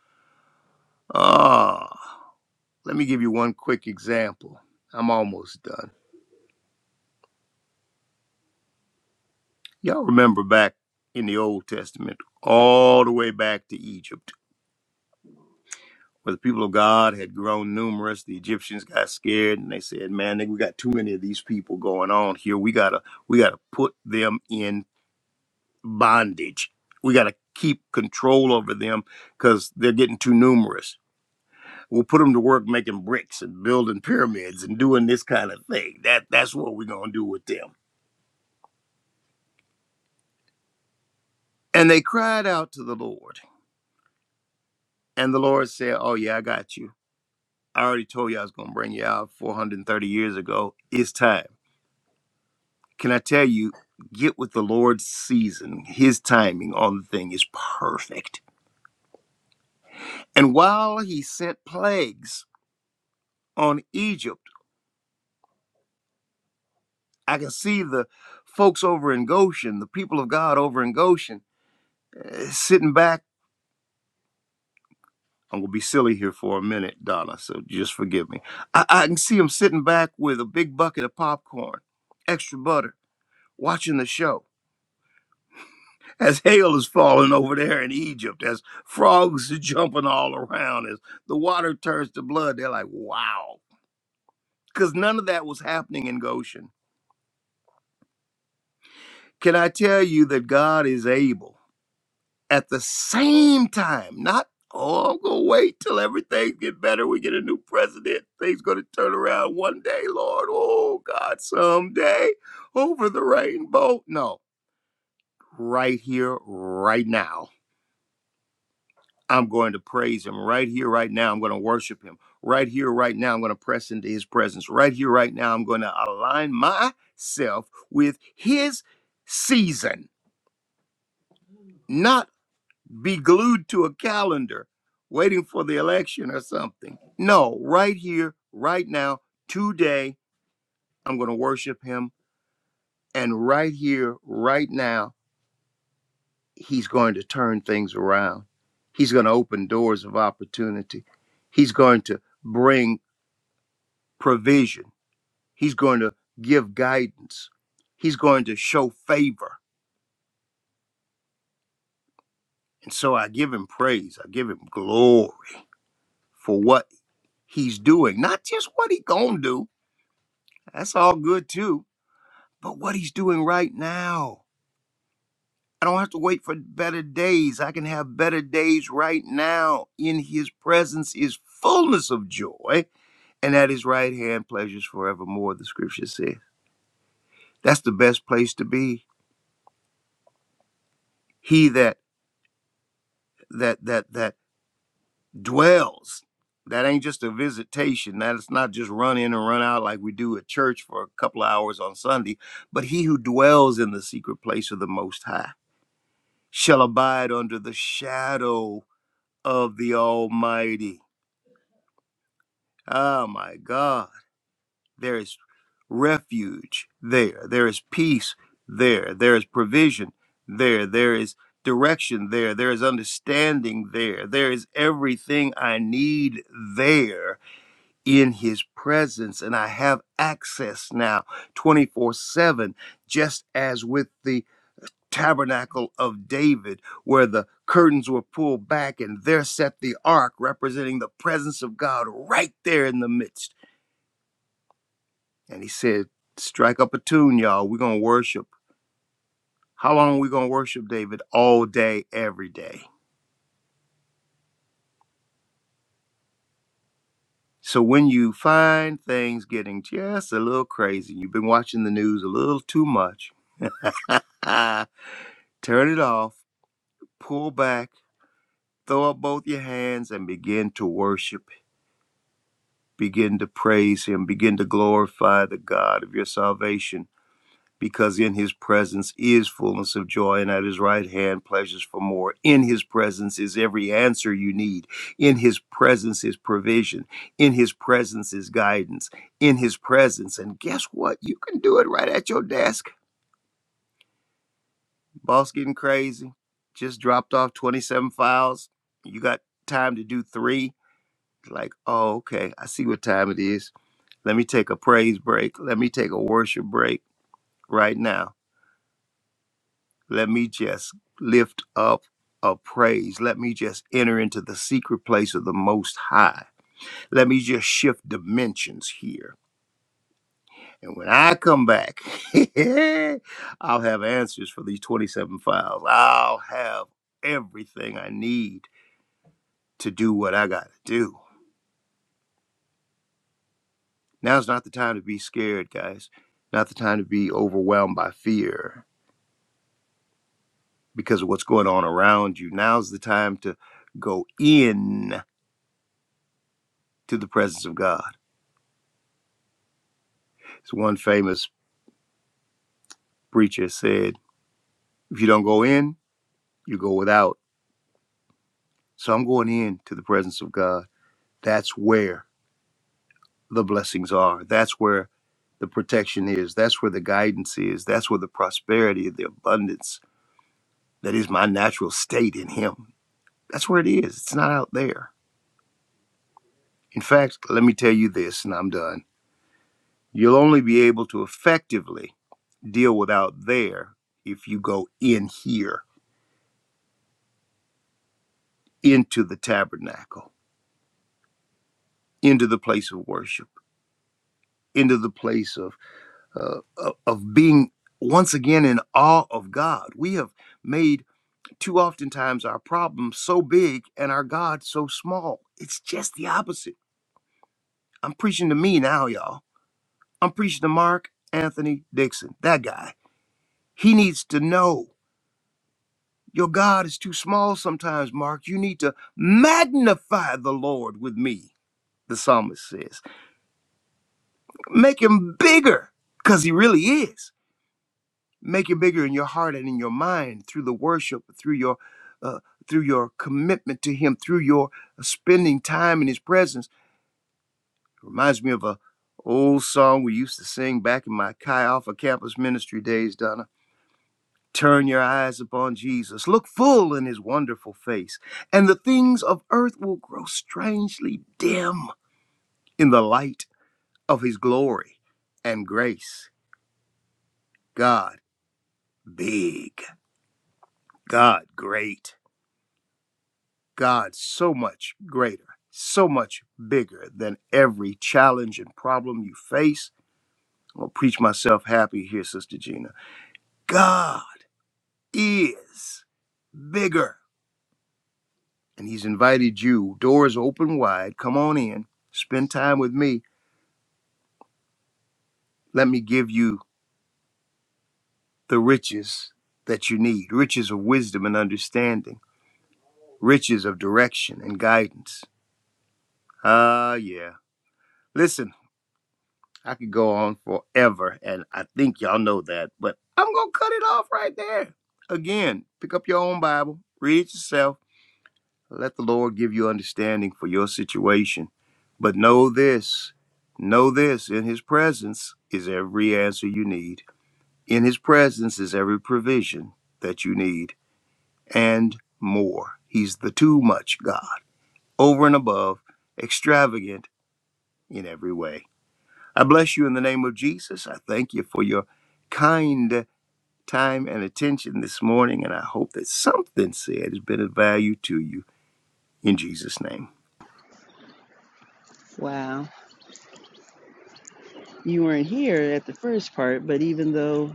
[SPEAKER 3] Ah, let me give you one quick example. I'm almost done. Y'all remember back in the Old Testament, all the way back to Egypt where the people of God had grown numerous. The Egyptians got scared and they said, "Man, nigga, we got too many of these people going on here. We gotta, we gotta put them in bondage. We gotta keep control over them because they're getting too numerous. We'll put them to work making bricks and building pyramids and doing this kind of thing. That that's what we're gonna do with them." And they cried out to the Lord, and the Lord said, "Oh yeah, I got you. I already told you I was gonna bring you out 430 years ago. It's time." Can I tell you, get with the Lord's season. His timing on the thing is perfect. And while he sent plagues on Egypt, I can see the folks over in Goshen, the people of God over in Goshen, eh, sitting back. I'm going to be silly here for a minute, Donna, so just forgive me. I, I can see them sitting back with a big bucket of popcorn, extra butter, watching the show as hail is falling over there in Egypt, as frogs are jumping all around, as the water turns to blood, they're like, wow. Because none of that was happening in Goshen. Can I tell you that God is able at the same time, not, oh, I'm going to wait till everything get better. We get a new president. Things going to turn around one day, Lord. Oh, God, someday over the rainbow. No, right here, right now I'm going to praise him right here, right now. I'm going to worship him right here, right now. I'm going to press into his presence right here, right now. I'm going to align myself with his season, not be glued to a calendar waiting for the election or something. No, right here, right now, today, I'm going to worship him. And right here, right now, he's going to turn things around. He's going to open doors of opportunity. He's going to bring provision. He's going to give guidance. He's going to show favor. And so I give him praise. I give him glory for what he's doing. Not just what he going to do. That's all good too, but what he's doing right now. I don't have to wait for better days. I can have better days right now. In his presence is fullness of joy, and at his right hand pleasures forevermore, the scripture says. That's the best place to be. He that that that that dwells. That ain't just a visitation. That it's not just run in and run out like we do at church for a couple of hours on Sunday. But he who dwells in the secret place of the Most High shall abide under the shadow of the Almighty. Ah, my God. There is refuge there. There is peace there. There is provision there. There is direction there. There is understanding there. There is everything I need there in his presence and I have access now 24 7, just as with the tabernacle of David, where the curtains were pulled back and there sat the ark representing the presence of God right there in the midst. And he said, Strike up a tune, y'all. We're going to worship. How long are we going to worship David? All day, every day. So when you find things getting just a little crazy, you've been watching the news a little too much, ah, turn it off pull back, throw up both your hands, and begin to worship. Begin to praise Him. Begin to glorify the God of your salvation, because in His presence is fullness of joy, and at His right hand pleasures for more. In His presence is every answer you need. In His presence is provision. In His presence is guidance. In His presence, and guess what? You can do it right at your desk. Boss getting crazy. Just dropped off 27 files. You got time to do three like, oh, okay, I see what time it is. Let me take a praise break. Let me take a worship break right now. Let me just lift up a praise. Let me just enter into the secret place of the Most High. Let me just shift dimensions here. And when I come back, I'll have answers for these 27 files. I'll have everything I need to do what I got to do. Now's not the time to be scared, guys. Not the time to be overwhelmed by fear because of what's going on around you. Now's the time to go in to the presence of God. As one famous preacher said, if you don't go in, you go without. So I'm going in to the presence of God. That's where the blessings are. That's where the protection is. That's where the guidance is. That's where the prosperity, the abundance that is my natural state in Him. That's where it is. It's not out there. In fact, let me tell you this, and I'm done. You'll only be able to effectively deal with out there if you go in here, into the tabernacle, into the place of worship, into the place of uh, of of being once again in awe of God. We have made too oftentimes our problem so big and our God so small. It's just the opposite. I'm preaching to me now, y'all. I'm preaching to Mark Anthony Dixon, that guy. He needs to know. Your God is too small sometimes, Mark. You need to magnify the Lord with me, the psalmist says. Make him bigger, because he really is. Make him bigger in your heart and in your mind through the worship, through your uh, through your commitment to him, through your spending time in his presence. It reminds me of a old song we used to sing back in my Chi Alpha campus ministry days, Donna Turn your eyes upon Jesus. Look full in his wonderful face, and the things of earth will grow strangely dim in the light of his glory and grace. God big, God great, God so much greater, so much bigger than every challenge and problem you face. I'm going to preach myself happy here, Sister Gina. God is bigger. and he's invited you. Doors open wide. Come on in. Spend time with me. Let me give you the riches that you need riches of wisdom and understanding, riches of direction and guidance. Ah, yeah. Listen, I could go on forever, and I think y'all know that, but I'm going to cut it off right there. Again, pick up your own Bible, read it yourself Let the Lord give you understanding for your situation. But know this know this in His presence is every answer you need, in His presence is every provision that you need, and more. He's the too much God, over and above, extravagant in every way. I bless you in the name of Jesus. I thank you for your kind time and attention this morning, and I hope that something said has been of value to you. In Jesus' name.
[SPEAKER 1] Wow. You weren't here at the first part, but even though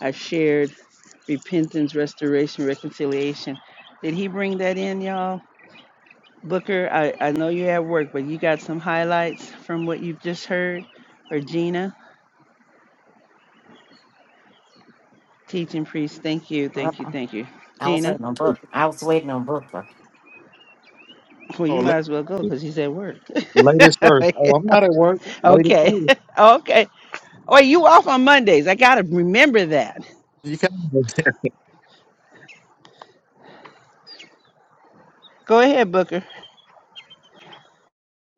[SPEAKER 1] I shared repentance, restoration, reconciliation, did he bring that in, y'all? Booker, I, I know you're at work, but you got some highlights from what you've just heard? Or Gina, teaching priest, thank you,
[SPEAKER 4] uh
[SPEAKER 1] thank you, thank you.
[SPEAKER 4] I was
[SPEAKER 1] Gina,
[SPEAKER 4] waiting on Booker. I was waiting on Booker.
[SPEAKER 1] well,
[SPEAKER 2] Oh,
[SPEAKER 1] you might as well go
[SPEAKER 2] la-
[SPEAKER 1] because he's at work.
[SPEAKER 2] ladies first. Oh, I'm not at work. Ladies
[SPEAKER 1] okay,
[SPEAKER 2] first.
[SPEAKER 1] okay. Oh, you off on Mondays. I got to remember that.
[SPEAKER 2] You can not
[SPEAKER 1] Go ahead, Booker.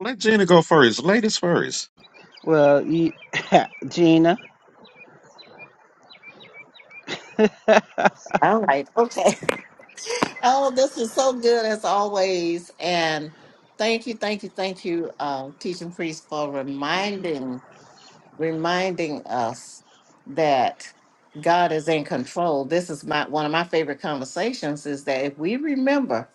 [SPEAKER 2] let Gina go first. Ladies first.
[SPEAKER 1] Well, you, Gina.
[SPEAKER 4] All right. Okay. Oh, this is so good as always. And thank you, thank you, thank you, um, teaching priest for reminding reminding us that God is in control. This is my one of my favorite conversations is that if we remember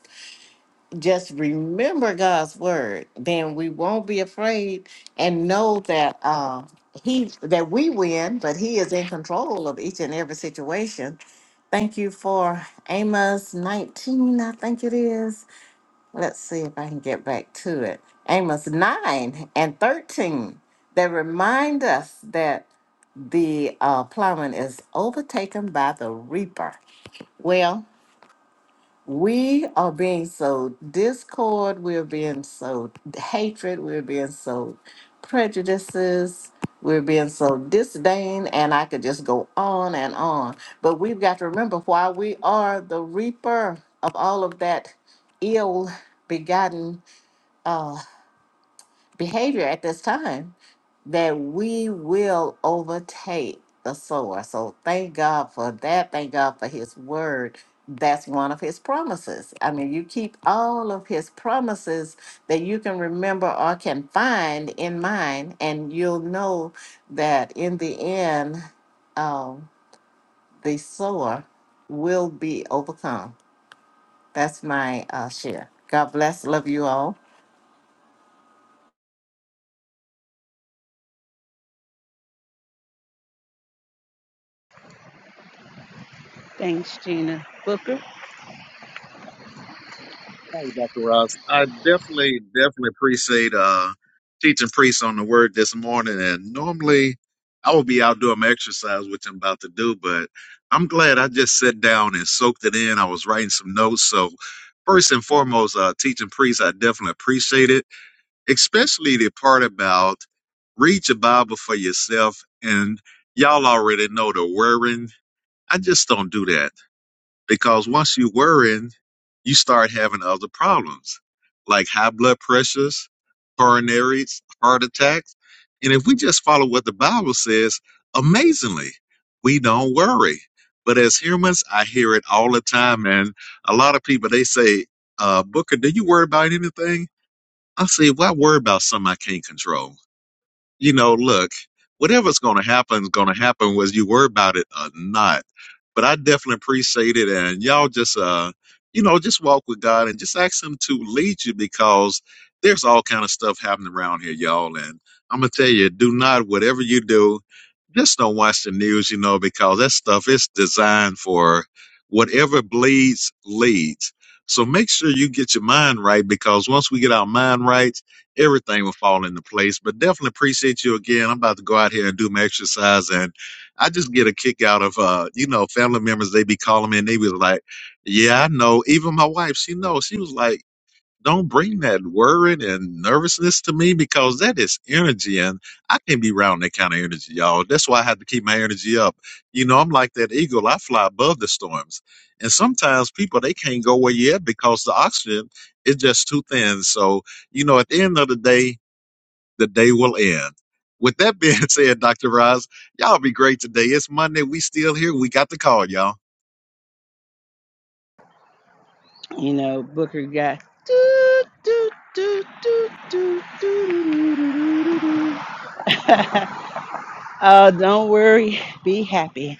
[SPEAKER 4] just remember God's word, then we won't be afraid and know that uh, he that we win, but he is in control of each and every situation. Thank you for Amos 19, I think it is. Let's see if I can get back to it. Amos 9 and 13 that remind us that the uh, plowman is overtaken by the reaper. Well, we are being sowed discord, we're being sowed hatred, we're being sowed prejudices, we're being sowed disdain, and I could just go on and on. But we've got to remember why we are the reaper of all of that ill begotten uh, behavior at this time that we will overtake the sower. So thank God for that. Thank God for his word. That's one of his promises. I mean, you keep all of his promises that you can remember or can find in mind, and you'll know that in the end, um, the sower will be overcome. That's my uh, share. God bless. Love you all.
[SPEAKER 1] Thanks, Gina. Booker.
[SPEAKER 2] Hi, Dr. Ross. I definitely, definitely appreciate uh, teaching priests on the word this morning. And normally I would be out doing my exercise, which I'm about to do, but I'm glad I just sat down and soaked it in. I was writing some notes. So, first and foremost, uh, teaching priests, I definitely appreciate it, especially the part about read your Bible for yourself. And y'all already know the worrying. I just don't do that because once you're worrying, you start having other problems like high blood pressures, coronaries, heart attacks. And if we just follow what the Bible says, amazingly, we don't worry. But as humans, I hear it all the time. And a lot of people, they say, uh, Booker, do you worry about anything? I say, why worry about something I can't control? you know, look, whatever's going to happen is going to happen, whether you worry about it or not. But I definitely appreciate it. And y'all just, uh, you know, just walk with God and just ask Him to lead you because there's all kind of stuff happening around here, y'all. And I'm going to tell you, do not, whatever you do, just don't watch the news, you know, because that stuff is designed for whatever bleeds, leads. So make sure you get your mind right because once we get our mind right, everything will fall into place. But definitely appreciate you again. I'm about to go out here and do my exercise, and I just get a kick out of uh, you know, family members. They be calling me, and they be like, "Yeah, I know." Even my wife, she knows. She was like don't bring that worry and nervousness to me because that is energy and I can't be around that kind of energy, y'all. That's why I have to keep my energy up. You know, I'm like that eagle. I fly above the storms. And sometimes people they can't go where yet because the oxygen is just too thin. So, you know, at the end of the day, the day will end. With that being said, Dr. Roz, y'all be great today. It's Monday. We still here. We got the call, y'all.
[SPEAKER 1] You know, Booker got. doo, doo, doo, doo, doo, doo, doo, doo, doo, doo, Oh, don't worry. Be happy.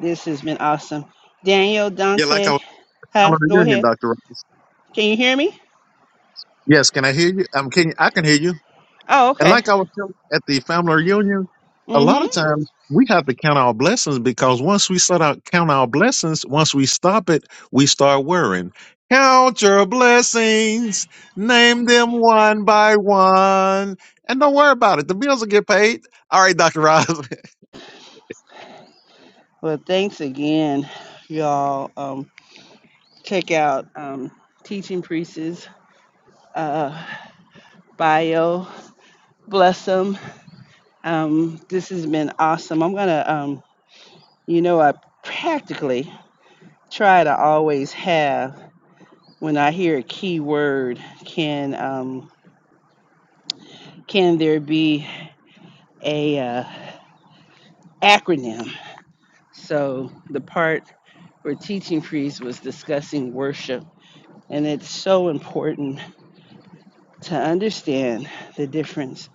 [SPEAKER 1] This has been awesome. Daniel,
[SPEAKER 2] Yeah, like I
[SPEAKER 1] Dante,
[SPEAKER 2] was
[SPEAKER 1] huh?
[SPEAKER 2] telling the
[SPEAKER 1] Go
[SPEAKER 2] union,
[SPEAKER 1] ahead.
[SPEAKER 2] Dr. Roz.
[SPEAKER 1] Can you hear me?
[SPEAKER 2] Yes, can I hear you? Um, can you, I can hear you.
[SPEAKER 1] Oh,
[SPEAKER 2] And
[SPEAKER 1] okay.
[SPEAKER 2] like I was telling at the family reunion, a lot
[SPEAKER 1] Mm-hmm.
[SPEAKER 2] of times we have to count our blessings because once we start out count our blessings, once we stop it, we start worrying. Count your blessings, name them one by one, and don't worry about it. The bills will get paid. All right, Dr. Ross.
[SPEAKER 1] Well, thanks again, y'all. Um, check out um, Teaching Priests' uh, bio. Bless them. Um, this has been awesome. I'm gonna, um, you know, I practically try to always have when I hear a key word. Can um, can there be a uh, acronym? So the part where teaching priest was discussing worship, and it's so important to understand the difference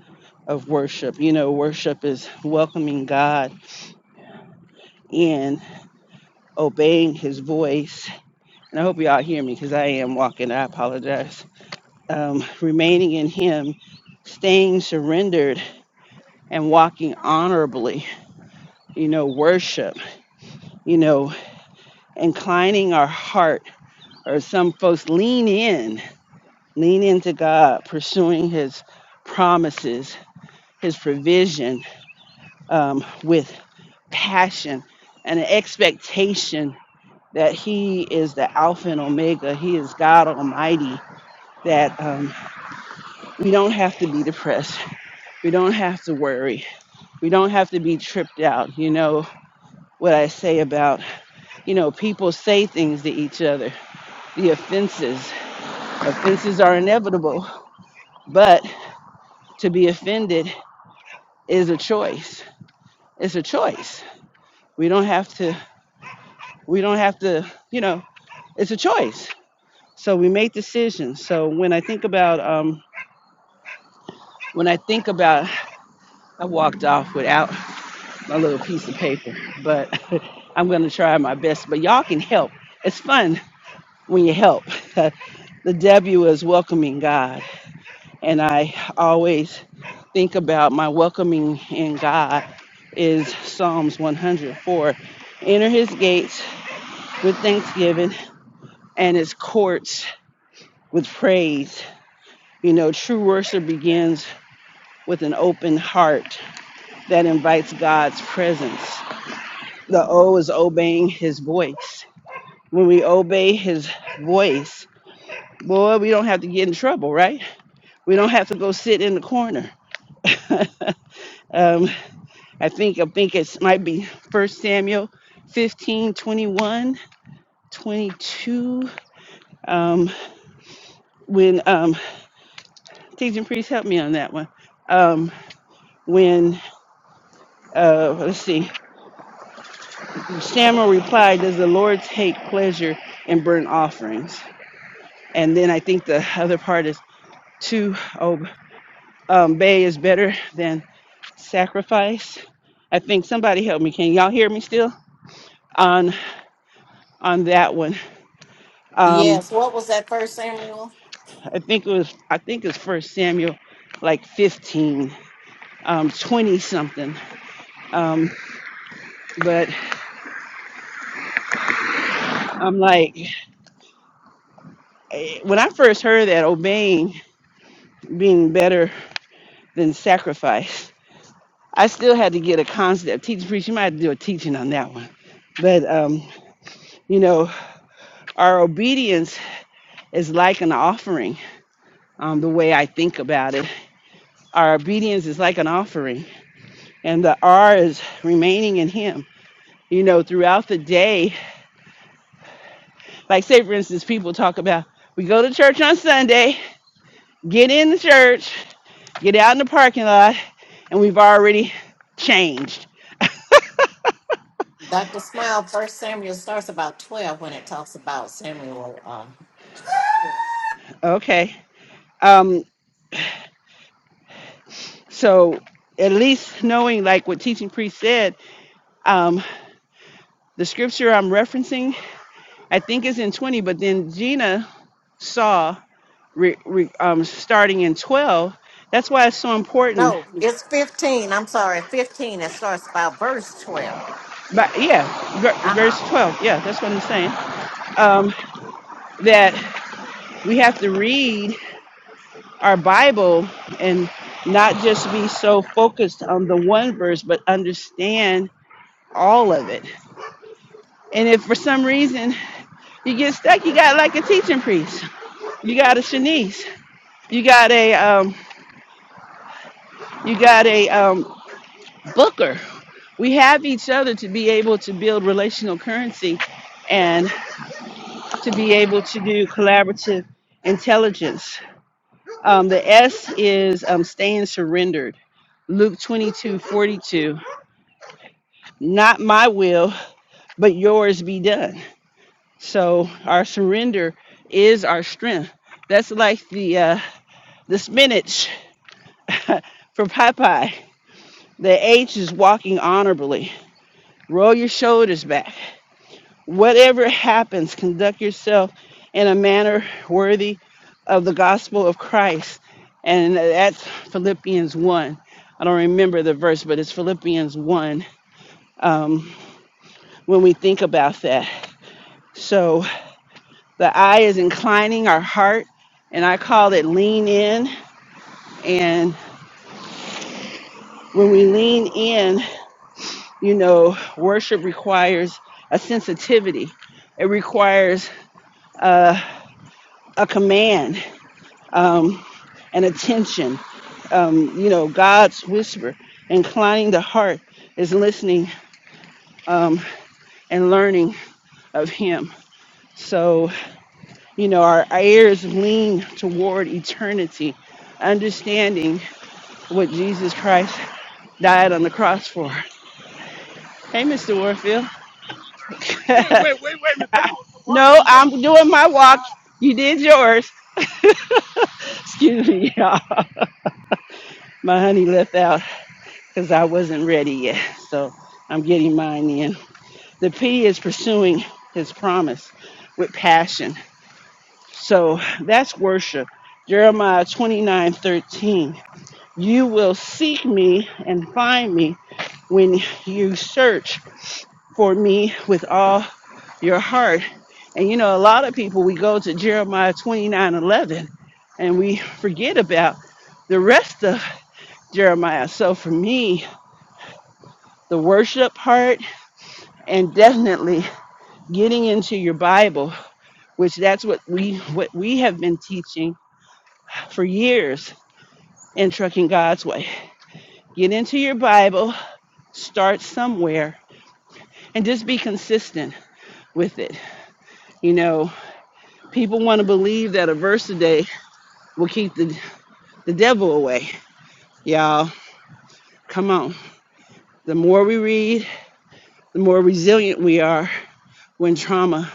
[SPEAKER 1] of worship. You know, worship is welcoming God in, obeying His voice And I hope you all hear me because I am walking. I apologize. Um, remaining in Him, staying surrendered, and walking honorably. You know, worship. You know, inclining our heart, or some folks lean in, lean into God, pursuing His promises, His provision um, with passion and an expectation that He is the Alpha and Omega. He is God Almighty. That. um, we don't have to be depressed. We don't have to worry. We don't have to be tripped out. You know what I say about, you know, people say things to each other. The offenses, offenses are inevitable, but to be offended is a choice. It's a choice. We don't have to, we don't have to, you know, it's a choice. So we make decisions. So when I think about, um, when I think about, I walked off without. my little piece of paper, but I'm going to try my best. But y'all can help. It's fun when you help. the W is welcoming God. And I always think about my welcoming in God is Psalms 104. Enter his gates with thanksgiving and his courts with praise. You know, true worship begins with an open heart that invites God's presence. The O is obeying his voice when we obey his voice, boy, we don't have to get in trouble, right? We don't have to go sit in the corner. Um, I think I think it might be First Samuel 15, twenty-one, 22. Um, when um, teaching priest, help me on that one. Um, when uh, let's see, Samuel replied, "Does the Lord take pleasure in burnt offerings?" And then I think the other part is to ob- um, obey is better than sacrifice. I think somebody help me. Can y'all hear me still on on that one? Um,
[SPEAKER 4] Yes. What was that first Samuel?
[SPEAKER 1] I think it was I think it's First Samuel, like 15, um, 20 something. But I'm like, eh, when I first heard that obeying being better than sacrifice, I still had to get a concept. Teaching priest, you might have to do a teaching on that one. But um, you know, our obedience is like an offering. Um, the way I think about it Our obedience is like an offering, and the R is remaining in Him. You know, throughout the day, like say for instance, people talk about we go to church on Sunday, get in the church, get out in the parking lot, and we've already changed.
[SPEAKER 4] Dr. Smile, First Samuel starts about 12 when it talks about Samuel. Uh,
[SPEAKER 1] Okay. Um, so at least knowing like what teaching priest said, um, the scripture I'm referencing, I think is in 20, but then Gina saw. re, re, um, starting in 12. That's why it's so important.
[SPEAKER 4] no, it's 15. I'm sorry, 15. It starts about verse 12.
[SPEAKER 1] But yeah, ver-
[SPEAKER 4] Uh
[SPEAKER 1] verse
[SPEAKER 4] huh.
[SPEAKER 1] 12. Yeah, that's what I'm saying. Um, that we have to read our Bible and not just be so focused on the one verse, but understand all of it. And if for some reason you get stuck, you got like a teaching priest. You got a Shanice. You got a um, you got a um, Booker. We have each other to be able to build relational currency and to be able to do collaborative intelligence. Um, the S is um, staying surrendered. Luke 22:42, Not my will, but yours be done. So our surrender is our strength. That's like the uh, the spinach for Popeye. The H is walking honorably. Roll your shoulders back. whatever happens, conduct yourself in a manner worthy of the gospel of Christ. And that's Philippians 1. I don't remember the verse, but it's Philippians 1 when we think about that. So the eye is inclining our heart, and I call it lean in. And when we lean in, you know, worship requires a sensitivity, it requires a command, um, an attention you know god's whisper inclining the heart is listening um, and learning of him so you know our, our ears lean toward eternity understanding what jesus christ died on the cross for hey mr warfield no i'm doing my walk you did yours excuse me y'all my honey left out because i wasn't ready yet so i'm getting mine in The P is pursuing his promise with passion. So that's worship. Jeremiah 29 13. You will seek me and find me when you search for me with all your heart. And you know, a lot of people, we go to Jeremiah 29 11, and we forget about the rest of Jeremiah. So for me, the worship part and definitely getting into your Bible which that's what we what we have been teaching for years in trucking God's way. Get into your Bible, start somewhere, and just be consistent with it. You know, people want to believe that a verse a day will keep the the devil away. Y'all, come on. The more we read, the more resilient we are when trauma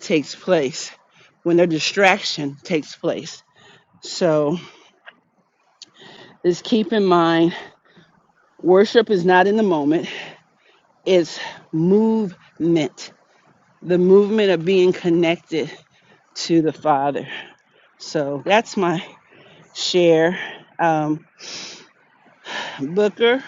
[SPEAKER 1] takes place, when a distraction takes place. So just keep in mind, worship is not in the moment. It's movement, the movement of being connected to the Father. So that's my share. Um, Booker,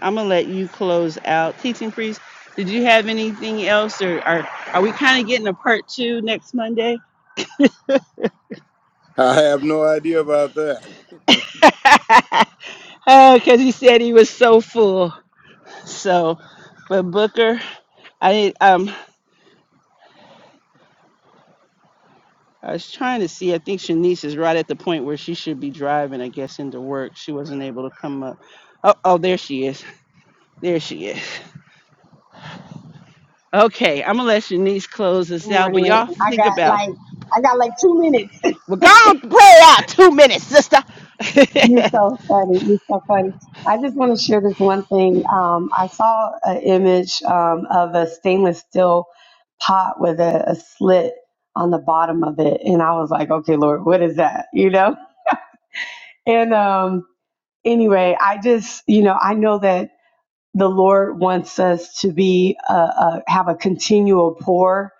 [SPEAKER 1] I'm gonna let you close out. Teaching priest, did you have anything else, or are are we kind of getting a part two next Monday?
[SPEAKER 3] I have no idea about that.
[SPEAKER 1] oh, because he said he was so full. So, but Booker, I um I was trying to see. I think Shanice is right at the point where she should be driving, I guess, into work. She wasn't able to come up. Oh, oh, there she is. There she is. Okay, I'm gonna let Shanice close this
[SPEAKER 5] Good
[SPEAKER 1] out, but
[SPEAKER 5] morning.
[SPEAKER 1] y'all
[SPEAKER 5] I
[SPEAKER 1] think
[SPEAKER 5] got
[SPEAKER 1] about.
[SPEAKER 5] like I got like two minutes.
[SPEAKER 1] We're gonna play out two minutes, sister.
[SPEAKER 5] You're so funny. You're so funny. I just want to share this one thing. Um, I saw an image um, of a stainless steel pot with a, a slit on the bottom of it, and I was like, "Okay, Lord, what is that?" You know. And um, anyway, I just you know I know that the Lord wants us to be uh, uh, have a continual pour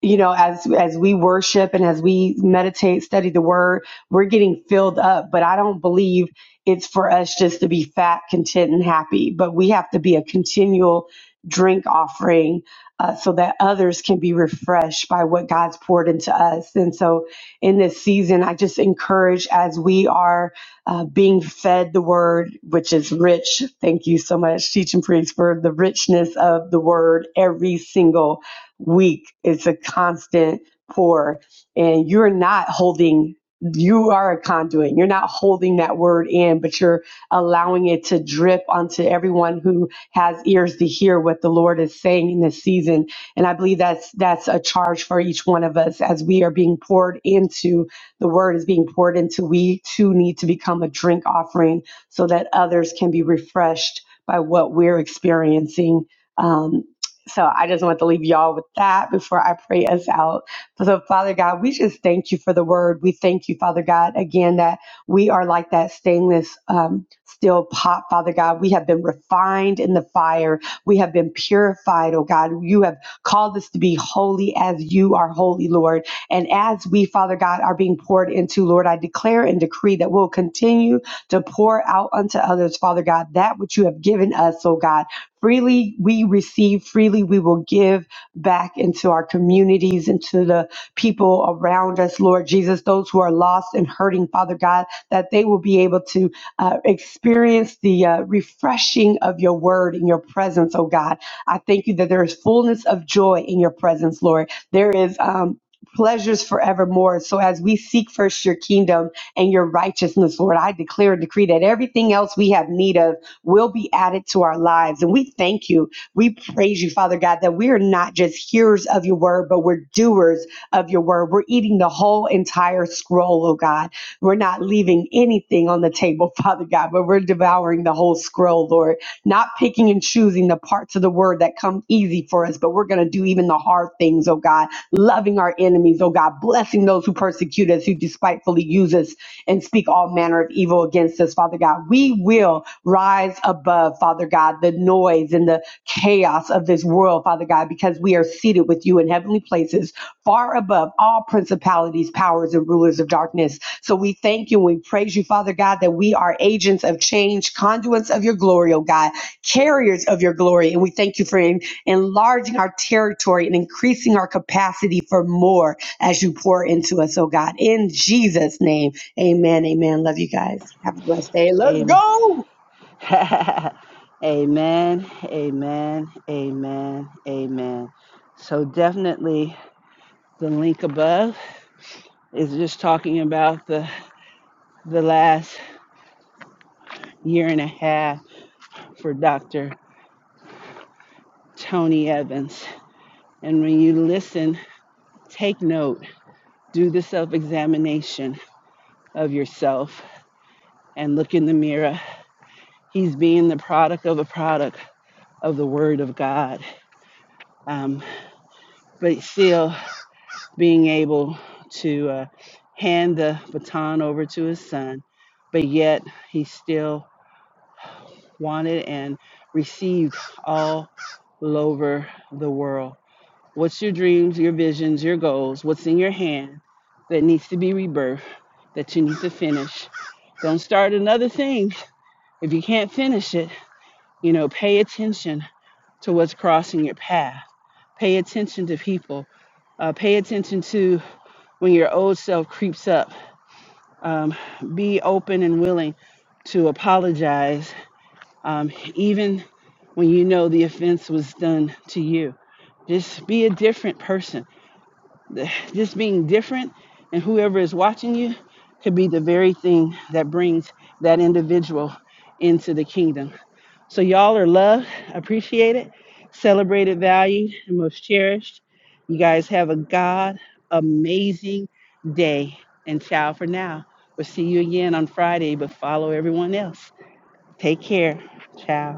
[SPEAKER 5] you know as as we worship and as we meditate study the word we're getting filled up but i don't believe it's for us just to be fat content and happy but we have to be a continual drink offering uh, so that others can be refreshed by what god's poured into us and so in this season i just encourage as we are uh, being fed the word which is rich thank you so much teaching priest for the richness of the word every single week. It's a constant pour, and you're not holding. You are a conduit. You're not holding that word in, but you're allowing it to drip onto everyone who has ears to hear what the Lord is saying in this season. And I believe that's that's a charge for each one of us as we are being poured into. The word is being poured into. We too need to become a drink offering so that others can be refreshed by what we're experiencing um, so I just want to leave y'all with that before I pray us out. So, Father God, we just thank you for the word. We thank you, Father God, again, that we are like that stainless um, steel pot, Father God. We have been refined in the fire. We have been purified, oh God. You have called us to be holy as you are holy, Lord. And as we, Father God, are being poured into, Lord, I declare and decree that we'll continue to pour out unto others, Father God, that which you have given us, oh God. Freely we receive, freely we will give back into our communities, into the people around us, Lord Jesus, those who are lost and hurting, Father God, that they will be able to uh, experience the uh, refreshing of your word in your presence, oh God. I thank you that there is fullness of joy in your presence, Lord. There is um, pleasures forevermore. So as we seek first your kingdom and your righteousness, Lord, I declare and decree that everything else we have need of will be added to our lives. And we thank you. We praise you, Father God, that we are not just hearers of your word, but we're doers of your word. We're eating the whole entire scroll, oh God. We're not leaving anything on the table, Father God, but we're devouring the whole scroll, Lord, not picking and choosing the parts of the word that come easy for us, but we're going to do even the hard things, oh God, loving our enemies, oh God, blessing those who persecute us, who despitefully use us and speak all manner of evil against us, Father God. We will rise above, Father God, the noise and the chaos of this world, Father God, because we are seated with you in heavenly places, far above all principalities, powers, and rulers of darkness. So we thank you and we praise you, Father God, that we are agents of change, conduits of your glory, oh God, carriers of your glory. And we thank you for en- enlarging our territory and increasing our capacity for more as you pour into us, oh God. In Jesus' name, amen. Amen. Love you guys. Have a blessed day. Let's
[SPEAKER 1] Amen.
[SPEAKER 5] go.
[SPEAKER 1] amen. Amen. Amen. Amen. So definitely the link above is just talking about the the last year and a half for Dr. Tony Evans. And when you listen, take note, do the self examination of yourself and look in the mirror. He's being the product of a product of the Word of God, um, but still being able to uh, hand the baton over to his son, but yet he still wanted and received all over the world. What's your dreams, your visions, your goals? What's in your hand that needs to be rebirthed, that you need to finish? Don't start another thing if you can't finish it. You know, pay attention to what's crossing your path. Pay attention to people. Uh, pay attention to when your old self creeps up. Be open and willing to apologize, even when you know the offense was done to you. Just be a different person. Just being different and whoever is watching you could be the very thing that brings that individual into the kingdom. So, y'all are loved, appreciated, celebrated, valued, and most cherished. You guys have a God amazing day. And ciao for now. We'll see you again on Friday, but follow everyone else. Take care. Ciao.